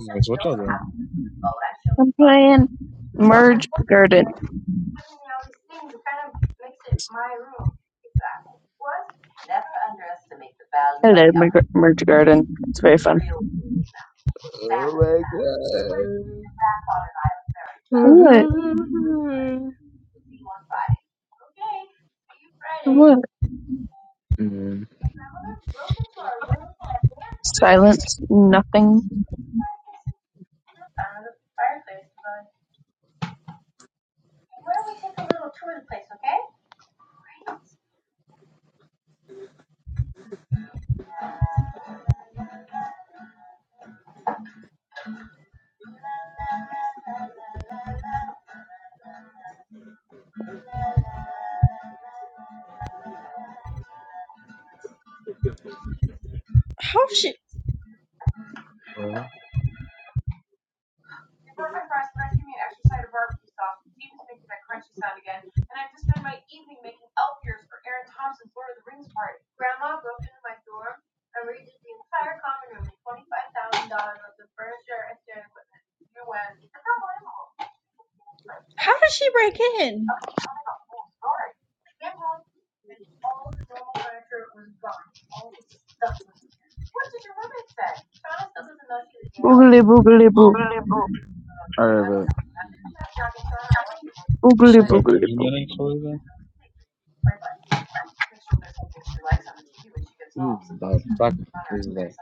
C: Anyways, what y'all doing?
A: I'm playing Merge Garden. Hello, Merg- Merge Garden. It's very fun.
C: Oh my
A: What?
C: god.
A: What?
C: Mhm.
A: Silence. Nothing.
B: How she?
C: Well,
B: How did she break in?
A: Boogly boogly boo.
C: Alright, but
A: Boogly boogly boo.
C: who the fuck is that?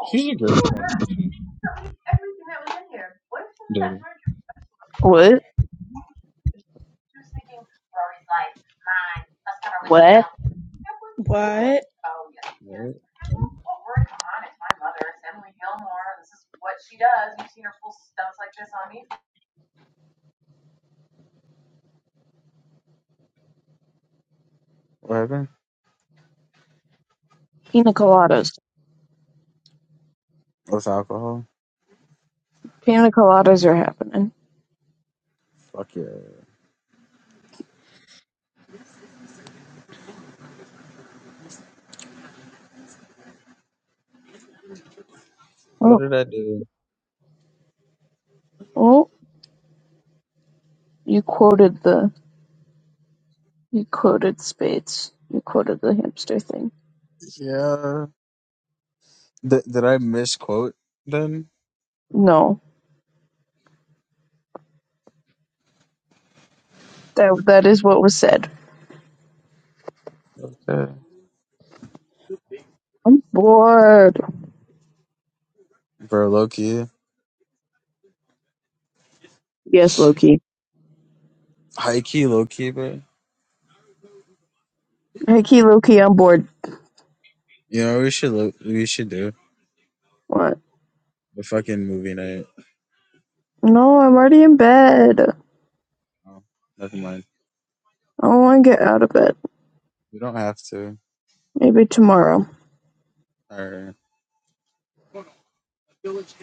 C: She's a girlfriend, actually. Diddy.
A: What? What?
B: What?
C: What? What happened?
A: Pina coladas.
C: With alcohol?
A: Pina coladas are happening.
C: Fuck yeah. What
A: Oh,
C: did I do?
A: oh! You quoted the. You quoted Spades. You quoted the hamster thing.
C: Yeah. Th- did I misquote them?
A: No, that that is what was said.
C: Okay.
A: I'm bored.
C: Bro, low key.
A: Yes, Loki.
C: High key, low key, bro.
A: Hey, key, low key, I'm bored.
C: You know what we should lo- we should do?
A: What?
C: A fucking movie night.
A: No, I'm already in bed. I
C: Oh, never mind.
A: don't want to get out of bed.
C: We don't have to.
A: Maybe tomorrow.
C: Alright.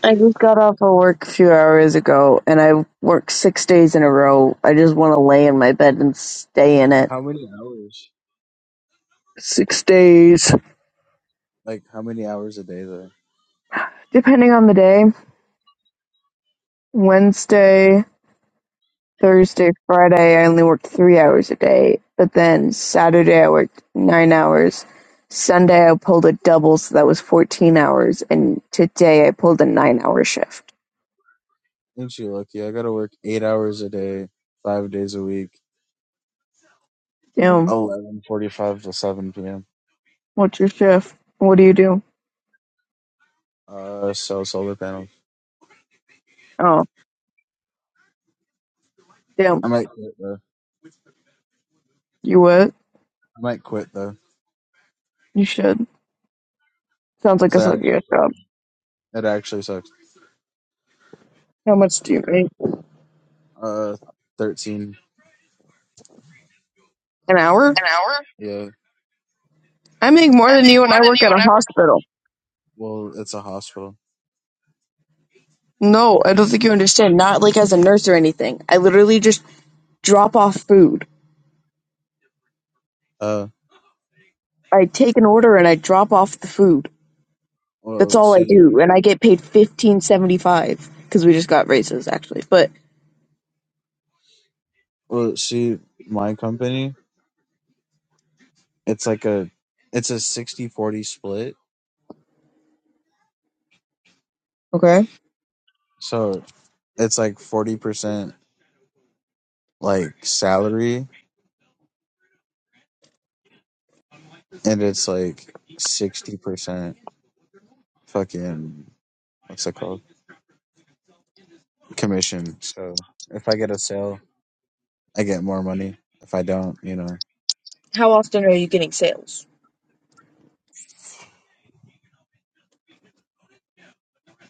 A: I just got off of work a few hours ago, and I worked six days in a row. I just want to lay in my bed and stay in it.
C: How many hours?
A: Six days.
C: Like how many hours a day though?
A: Depending on the day. Wednesday, Thursday, Friday, I only worked three hours a day. But then Saturday, I worked nine hours. Sunday, I pulled a double, so that was 14 hours. And today, I pulled a nine hour shift.
C: Ain't you lucky? I gotta work eight hours a day, five days a week,
A: Damn,
C: eleven forty-five to seven p.m.
A: what's your shift? What do you do?
C: Uh, so solar panels.
A: Oh, damn,
C: I might quit though.
A: you what?
C: I might quit though.
A: You should. Sounds like a
C: That
A: sucky
C: actually
A: ass
C: sucks.
A: job.
C: It actually sucks.
A: How much do you make?
C: Uh, thirteen.
A: An hour?
C: An hour? Yeah.
A: I make more
C: I
A: than
C: make
A: you and
C: more
A: I
C: than
A: work
C: you
A: at a
C: and I work.
A: hospital.
C: Well, it's a hospital.
A: No, I don't think you understand. Not like as a nurse or anything. I literally just drop off food.
C: Uh,
A: I take an order and I drop off the food. That's
C: well,
A: all I
C: see,
A: do, and I get paid fifteen seventy five because we just got raises actually. But
C: well, see, my company, it's like a, it's a sixty forty split.
A: okay,
C: So it's like forty percent like salary, and it's like sixty percent fucking what's it called commission. So if I get a sale, I get more money. If I don't, you know,
A: how often are you getting sales?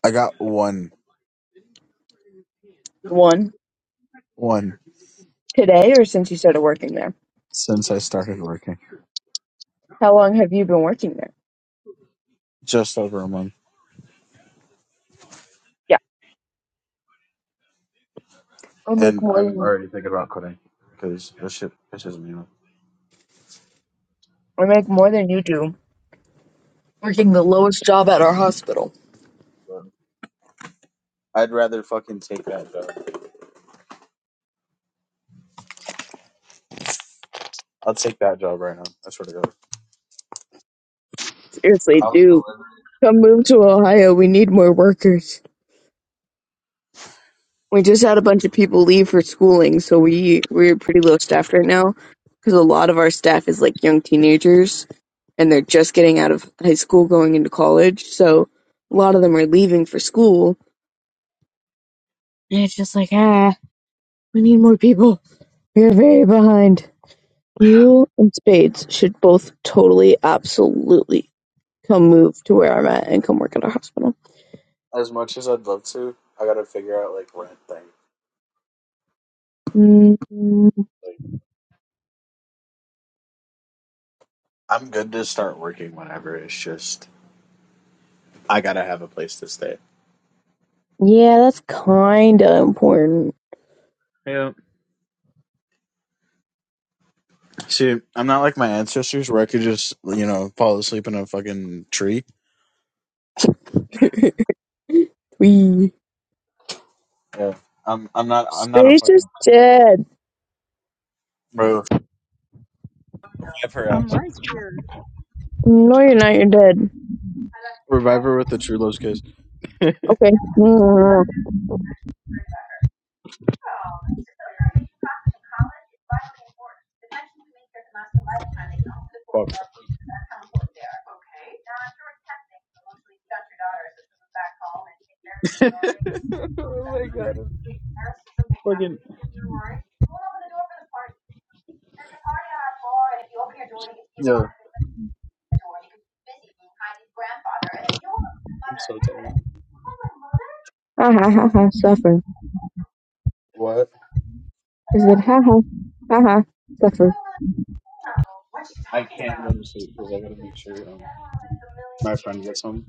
C: I got one,
A: One
C: one.
A: today, or since you started working there?
C: since I started working.
A: How long have you been working there?
C: Just over a month.
A: Yeah, I make
C: And
A: more
C: I'm
A: than
C: already thinking about quitting because this shit pisses me off.
A: I make more than you do. Working the lowest job at our hospital.
C: But I'd rather fucking take that job. I'll take that job right now. I swear to God.
A: Seriously, dude. come move to Ohio. We need more workers. We just had a bunch of people leave for schooling, so we we're pretty low staffed right now because a lot of our staff is like young teenagers and they're just getting out of high school, going into college. So a lot of them are leaving for school, and it's just like ah, we need more people. We're very behind. You and Spades should both totally, absolutely come move to where I'm at and come work at a hospital.
C: As much as I'd love to, I gotta figure out like rent thing.
A: Mm,
C: I'm good to start working whenever. It's just I gotta have a place to stay.
A: yeah, that's kind of important.
C: Yeah. See, I'm not like my ancestors where I could just you know fall asleep in a fucking tree.
A: *laughs* we
C: Yeah. I'm I'm not I'm not a
A: Spades is
C: fucking
A: dead.
C: bro. Revive her
B: I'm
C: ass.
B: right here.
A: No, you're not. You're dead.
C: Revive her with the true love's kiss.
A: Okay. Mm.
C: Fuck. *laughs* oh my god. I'm Yeah. I'm so tired.
A: Ha ha ha ha. Suffer.
C: What?
A: Is it ha ha ha ha? Suffer.
C: I can't go to sleep because I gotta make sure um, my friend gets home.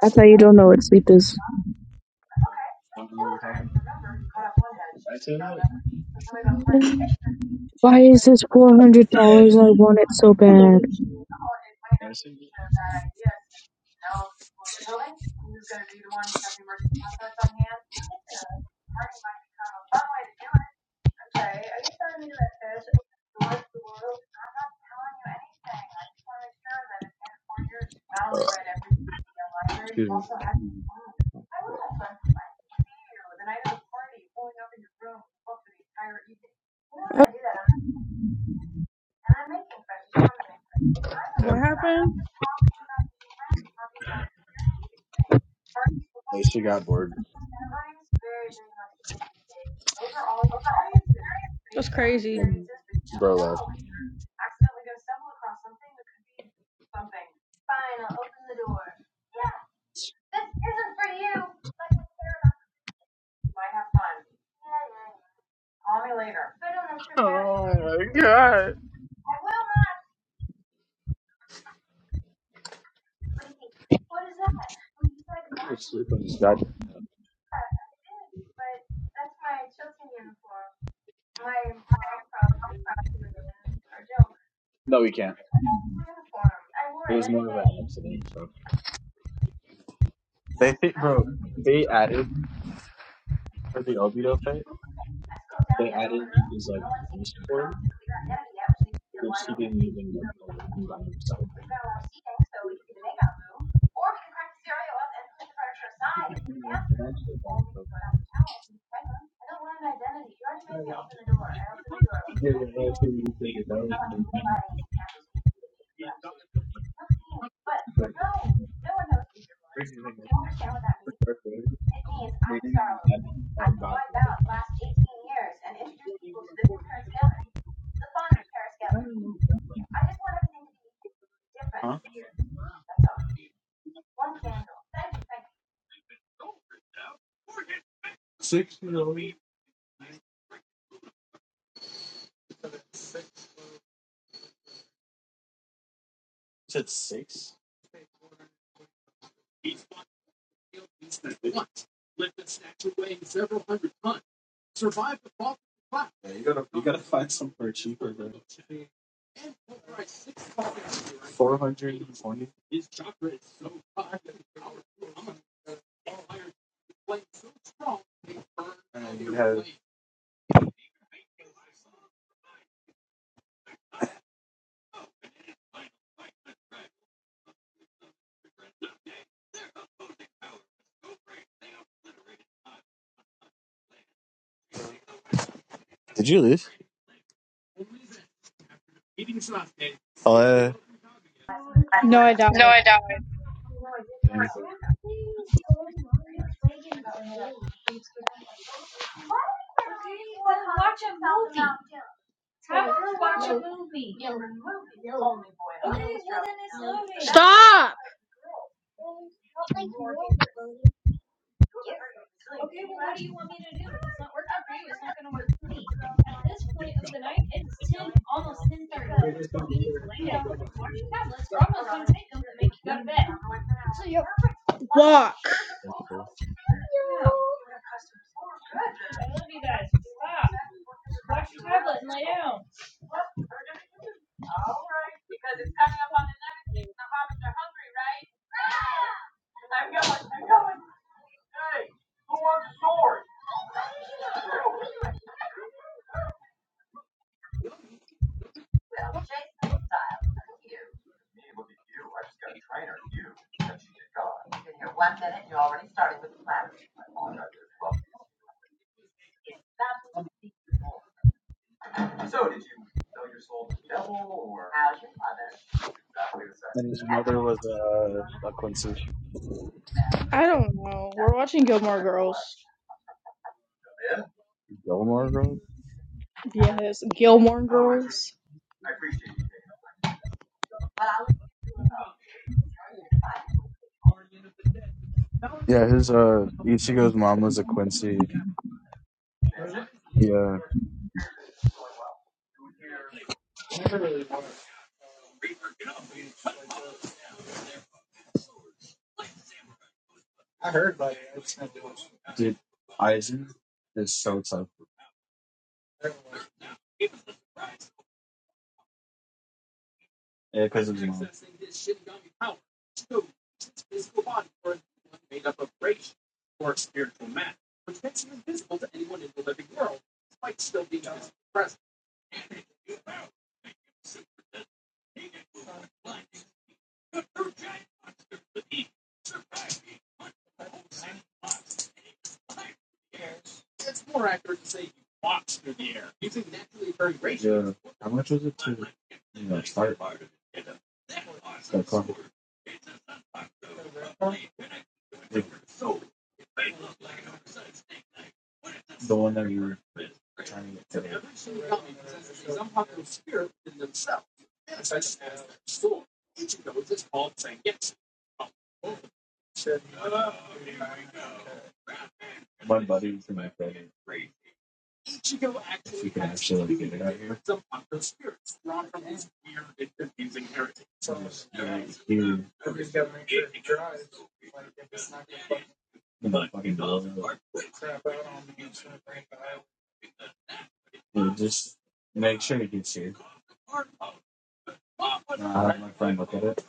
A: I thought you don't know what sleep is.
C: I don't know what you're talking about. Did I say that?
A: Um, why is this four hundred dollars? I want it so bad.
C: Did I say that? Uh, Excuse me.
B: What
C: Damn.
B: happened?
C: Like, she got bored
B: That's crazy.
C: and bro left. She was sleeping. God. They think, bro, added for the Obito fight. They What did you do Yeah, yeah, that's what you think it's always worth it. Like, crazy thing is, for Dark Vader, They didn't even add uh, God. Huh? Did you leave? Oh, yeah.
B: No, I
C: No,
B: died.
C: I don't.
B: Stop! Walk.
C: Okay. And his mother was uh, a Quincy
B: I don't know. We're watching Gilmore Girls.
C: Gilmore girl?
B: Yes, Gilmore Girls.
C: Yeah, his uh Ichigo's mom was a Quincy. Yeah. Dude, Aizen is so tough. Yeah, because uh, how much was it to you like, you know fucking dollars? Dude, just make sure you do see. I had my friend look at it.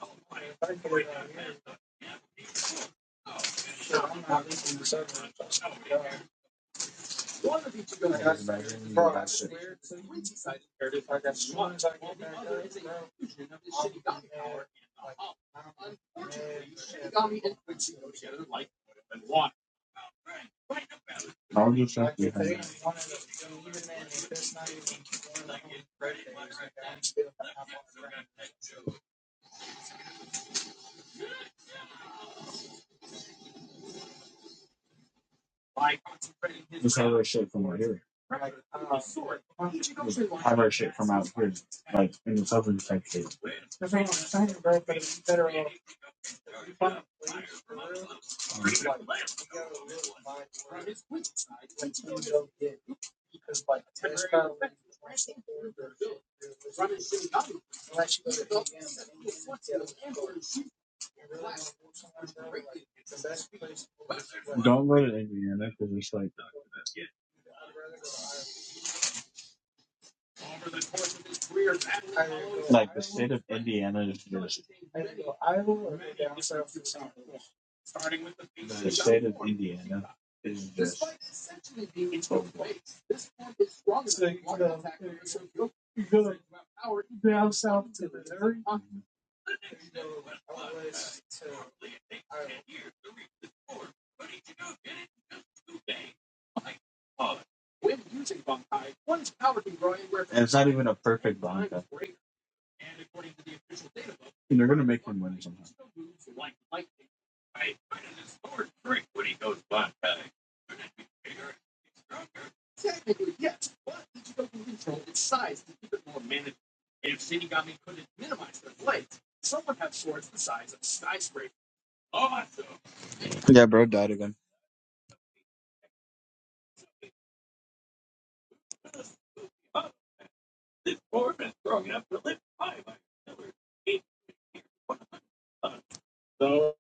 C: I just imagine you buy shit. How would you shop behind? Just have our shit from out here. Have our shit from out here, like in the southern country. Don't go to Indiana because it's like. it's not even. Yeah, bro, died again. So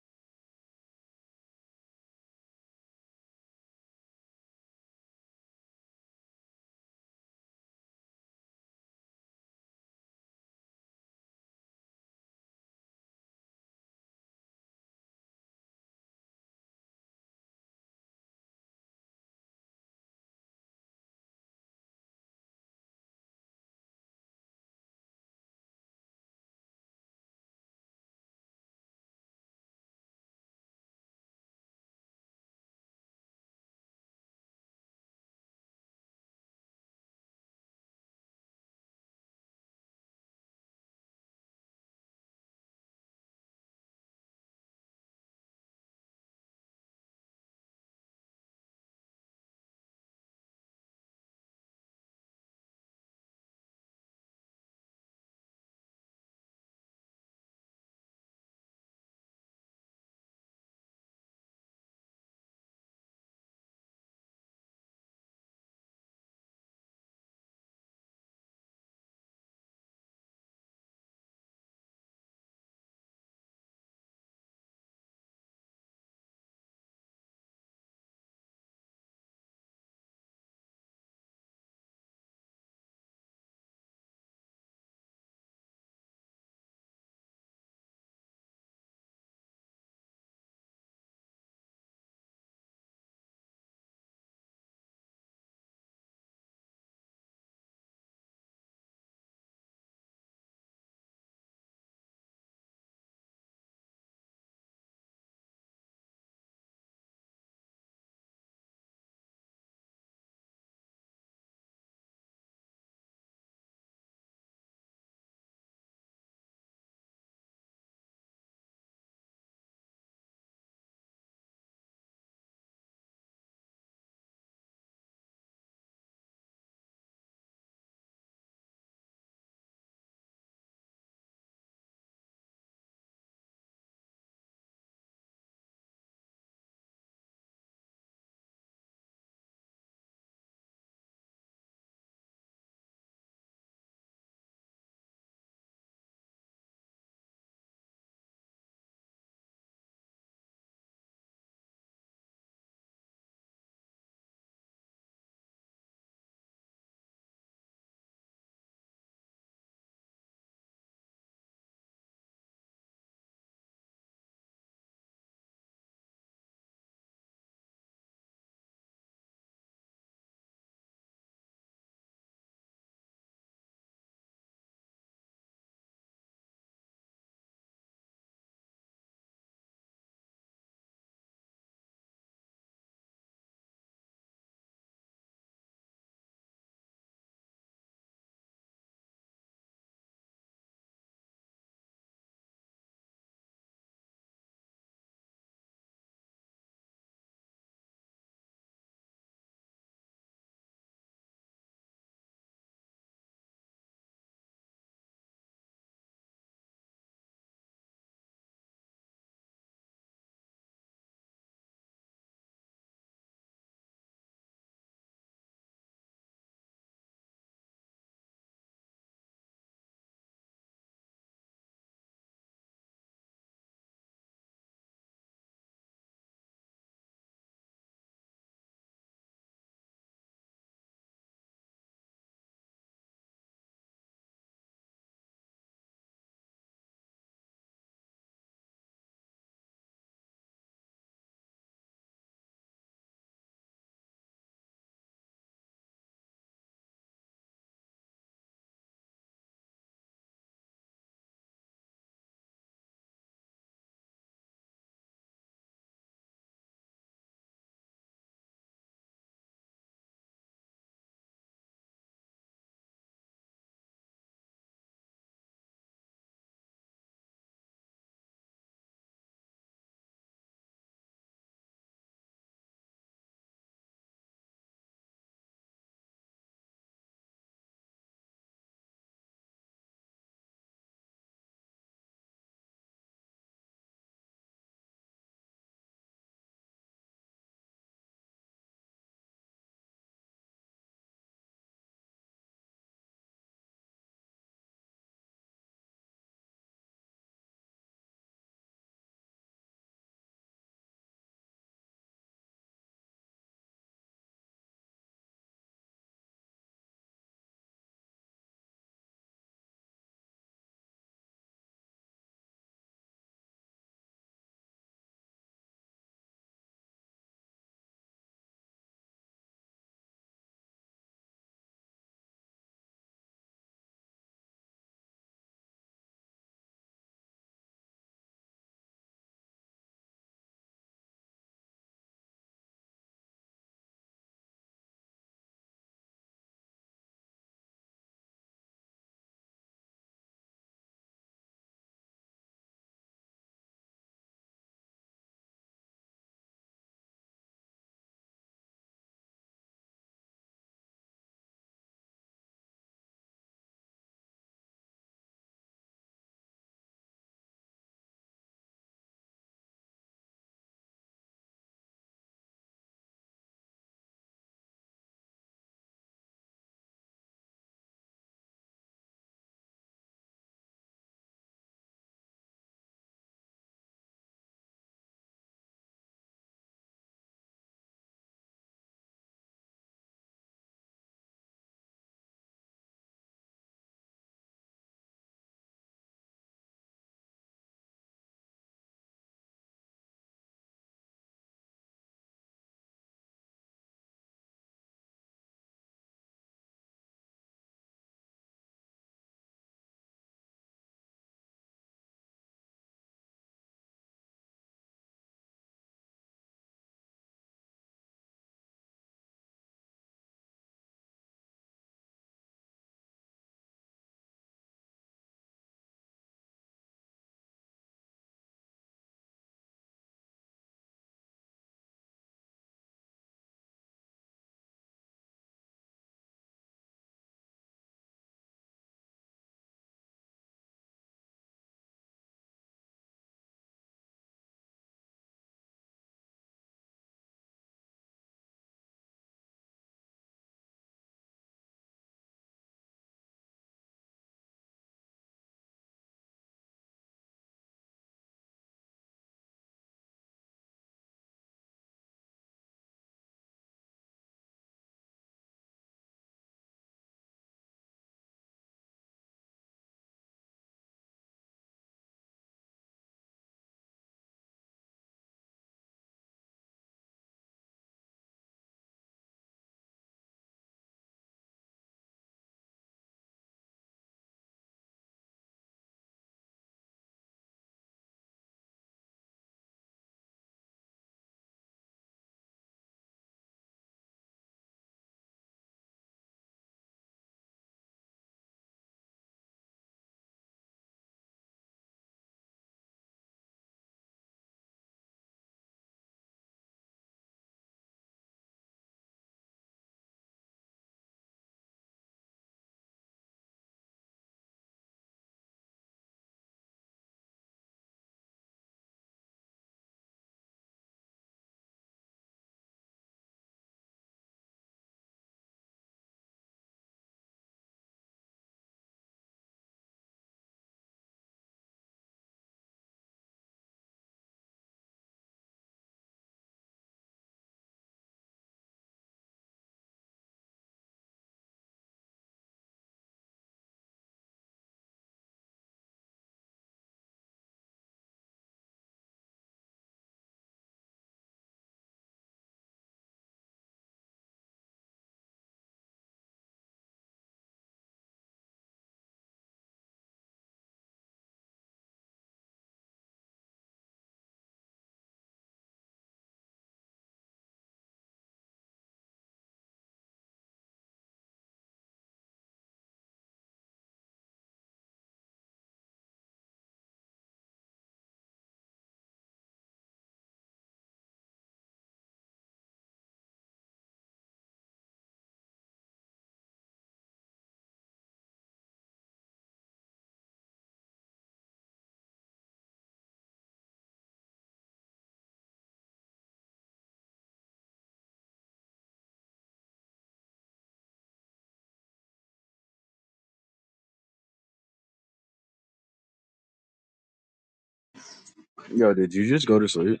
C: Yo, did you just go to sleep?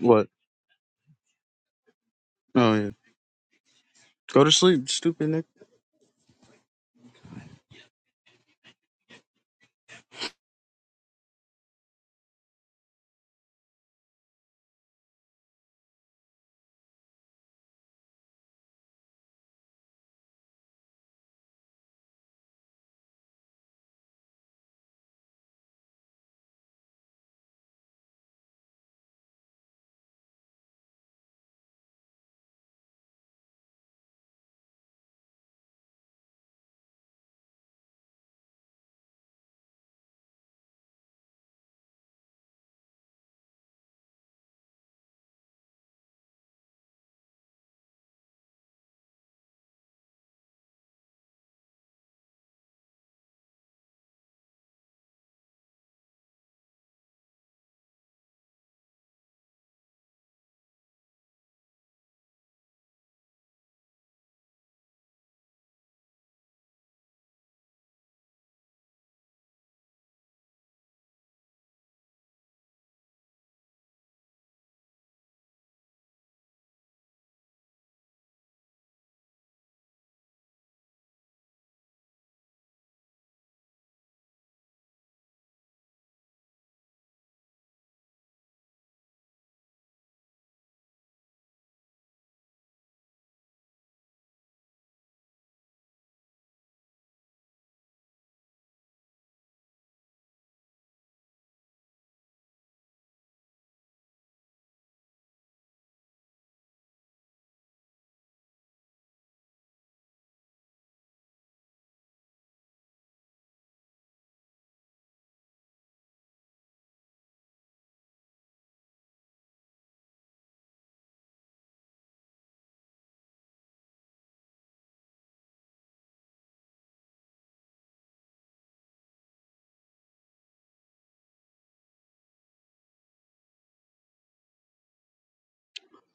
C: What? Oh yeah, go to sleep, stupid Nick.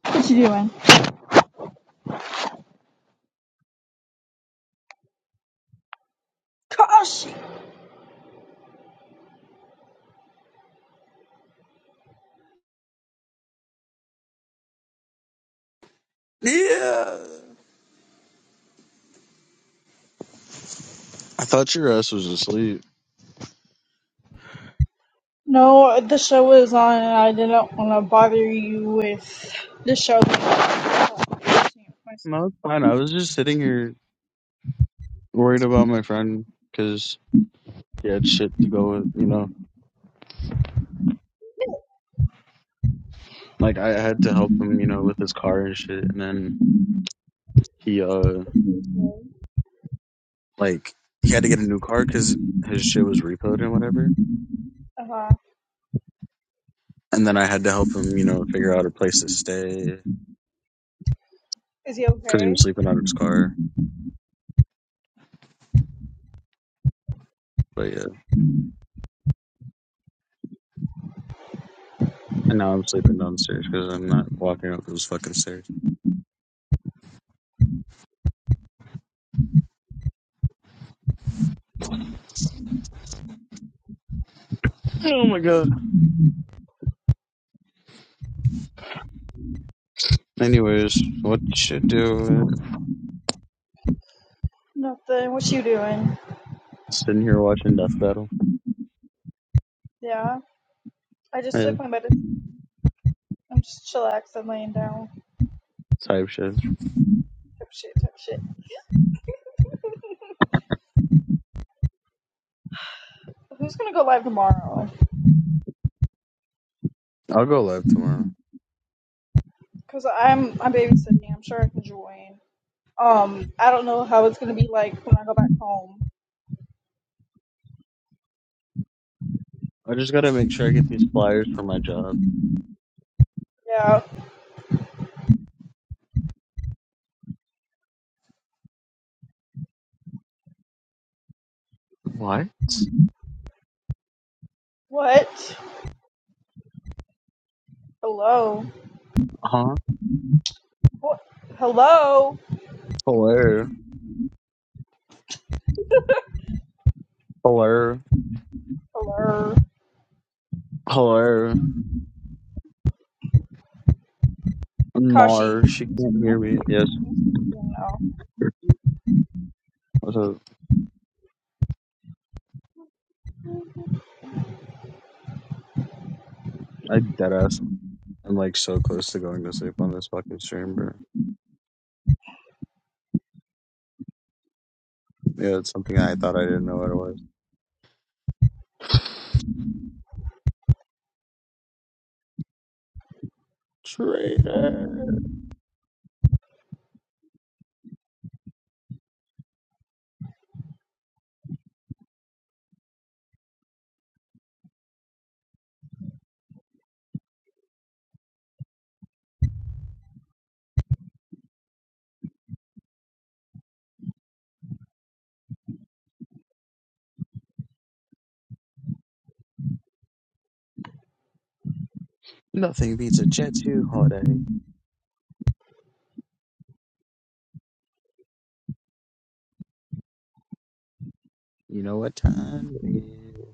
B: What you doing? Gosh.
C: Yeah. I thought your ass was asleep.
B: No, the show is on, and I didn't want to bother you with the show. Uh,
C: No, it's fine. I was just sitting here worried about my friend because he had shit to go with. You know, like I had to help him, you know, with his car and shit. And then he, uh, like he had to get a new car because his shit was repoed and whatever.
B: huh.
C: And then I had to help him, you know, figure out a place to stay
B: is he
C: because he
B: okay?
C: was sleeping out of his car. But yeah. And now I'm sleeping downstairs because I'm not walking up those fucking stairs. Oh my god. Anyways, what you should do
B: Nothing. What you doing?
C: is sitting here watching Death Battle.
B: Yeah. I just
C: Yeah,
B: took my medicine. I'm just chillaxing, laying down.
C: type shit.
B: Type shit, type shit. Who's gonna go live tomorrow?
C: I'll go live tomorrow.
B: Cause I'm I'm babysitting. I'm sure I can join. Um, I don't know how it's gonna be like when I go back home.
C: I just gotta make sure I get these flyers for my job.
B: Yeah.
C: What?
B: What? Hello.
C: Huh?
B: What? Hello.
C: Hello? Hello?
B: Hello.
C: Hello?
B: Kashi.
C: Mar, she can't hear me. Yes.
B: Oh.
C: So I deadass. I'm like so close to going to sleep on this fucking stream, bro. Yeah, it's something I thought I didn't know what it was. Traitor. Nothing beats a Jet 2 holiday. You know what time it is.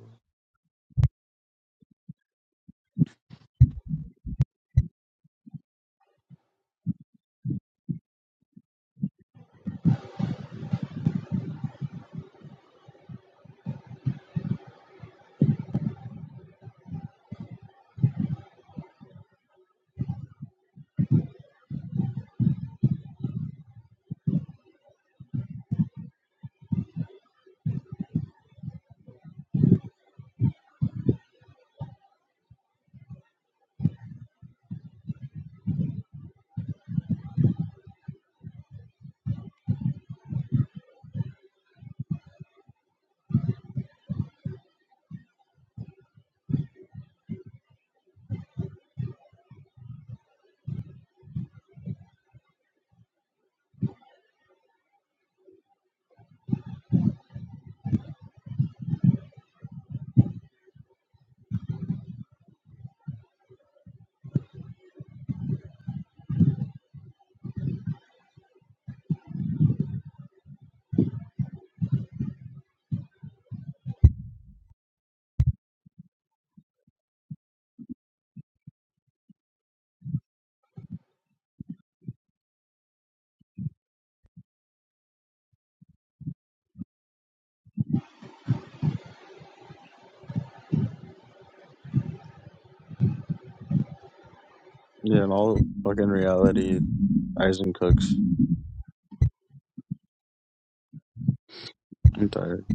C: Yeah, in all fucking reality, Eisen cooks. I'm tired.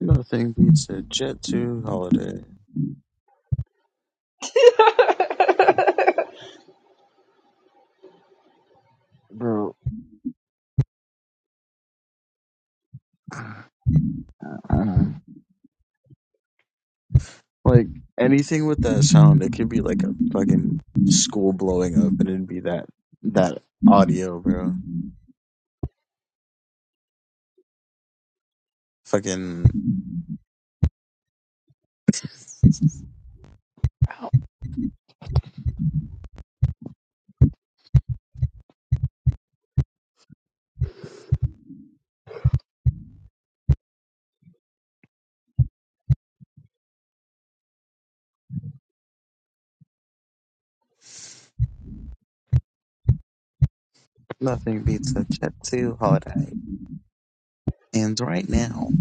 C: Nothing beats a Jet 2 holiday. Bro, uh, like anything with that sound, it could be like a fucking school blowing up and it'd be that, that audio, bro. Fucking nothing beats a Jet 2 holiday. And right now,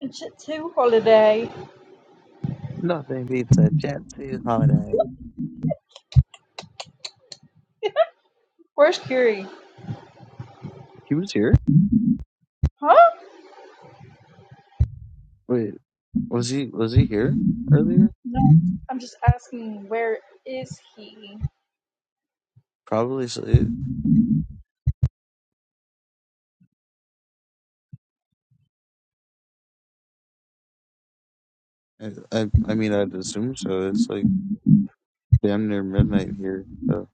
B: And shit too. Holiday.
C: nothing beats a Jet 2 holiday.
B: Where's Curie?
C: He was here?
B: Huh?
C: Wait, was he was he here earlier?
B: No. I'm just asking. Where is he?
C: Probably. So it, I, I I mean, I'd assume so. It's like damn near midnight here. So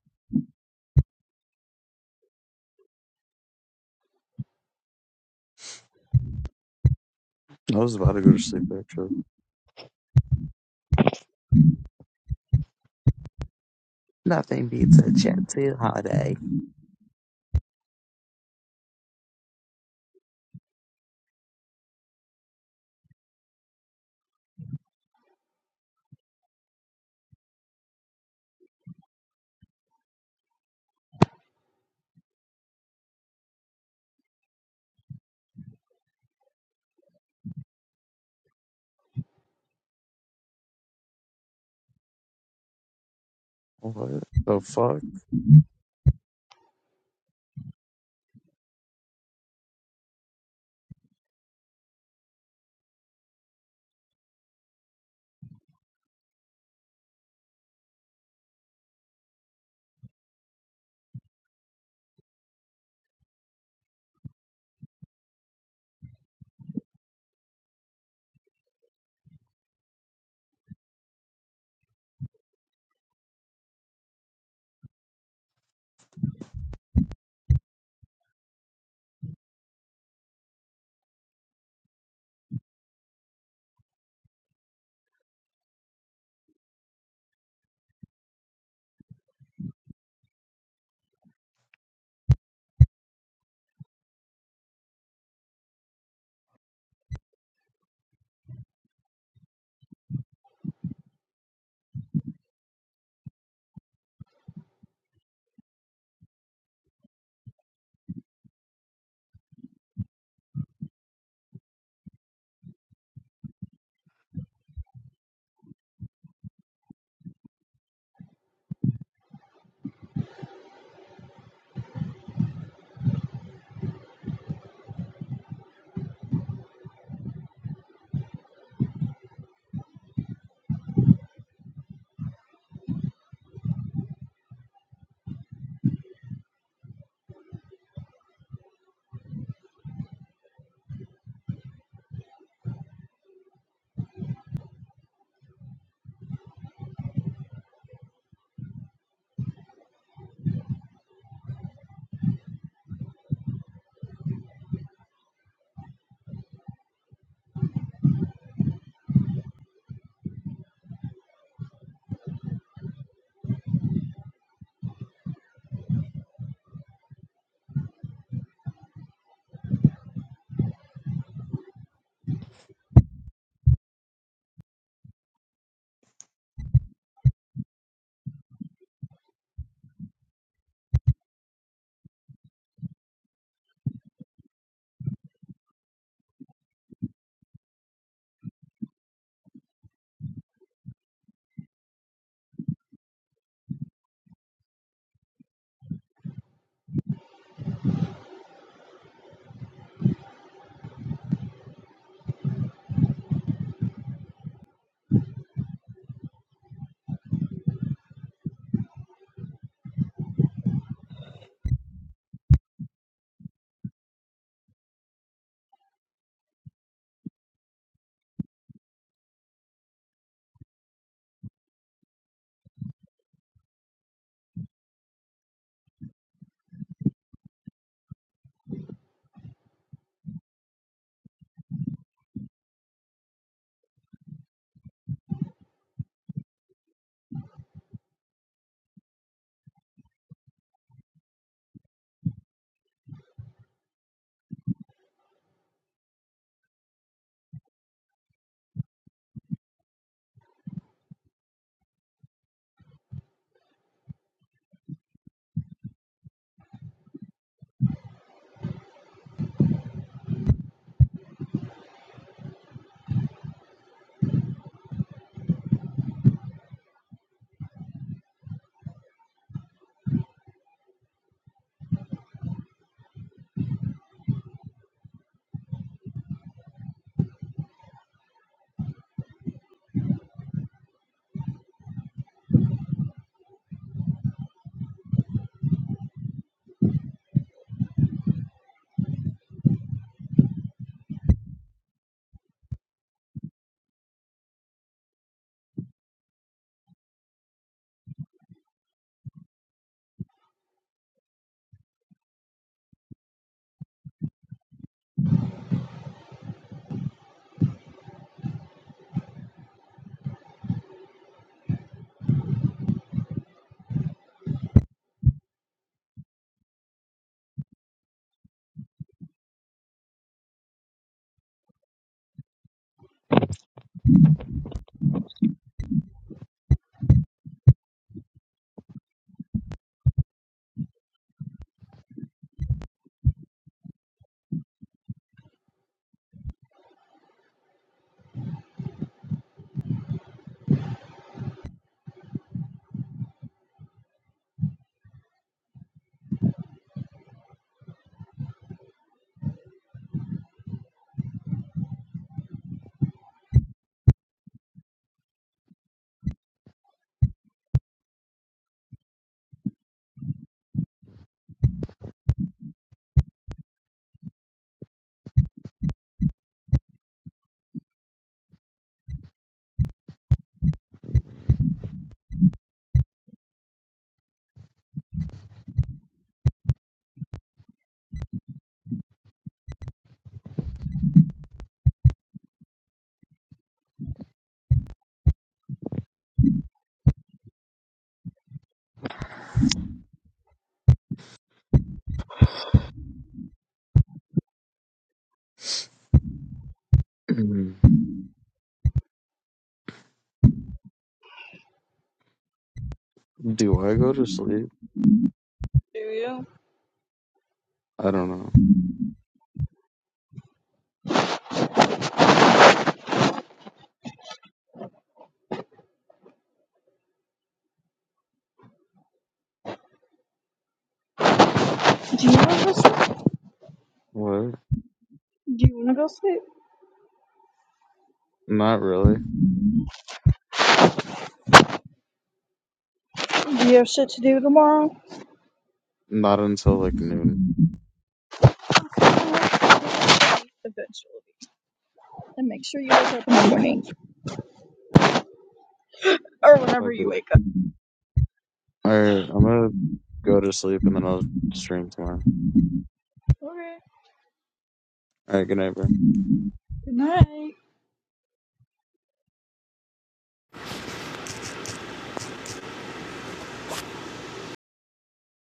C: I was about to go to sleep actually. Nothing beats a chintzy holiday. What the fuck? *clears throat* Do I go to sleep?
B: Do you?
C: I don't know.
B: Do you know who's
C: What?
B: Do you want to go sleep?
C: Not really.
B: Do you have shit to do tomorrow?
C: Not until like noon.
B: Eventually. And make sure you wake up in the morning. Or whenever
C: Fuck
B: you
C: it.
B: wake up.
C: All right, I'm gonna go to sleep and then I'll stream tomorrow.
B: Okay.
C: All right, good night, bro.
B: Good night.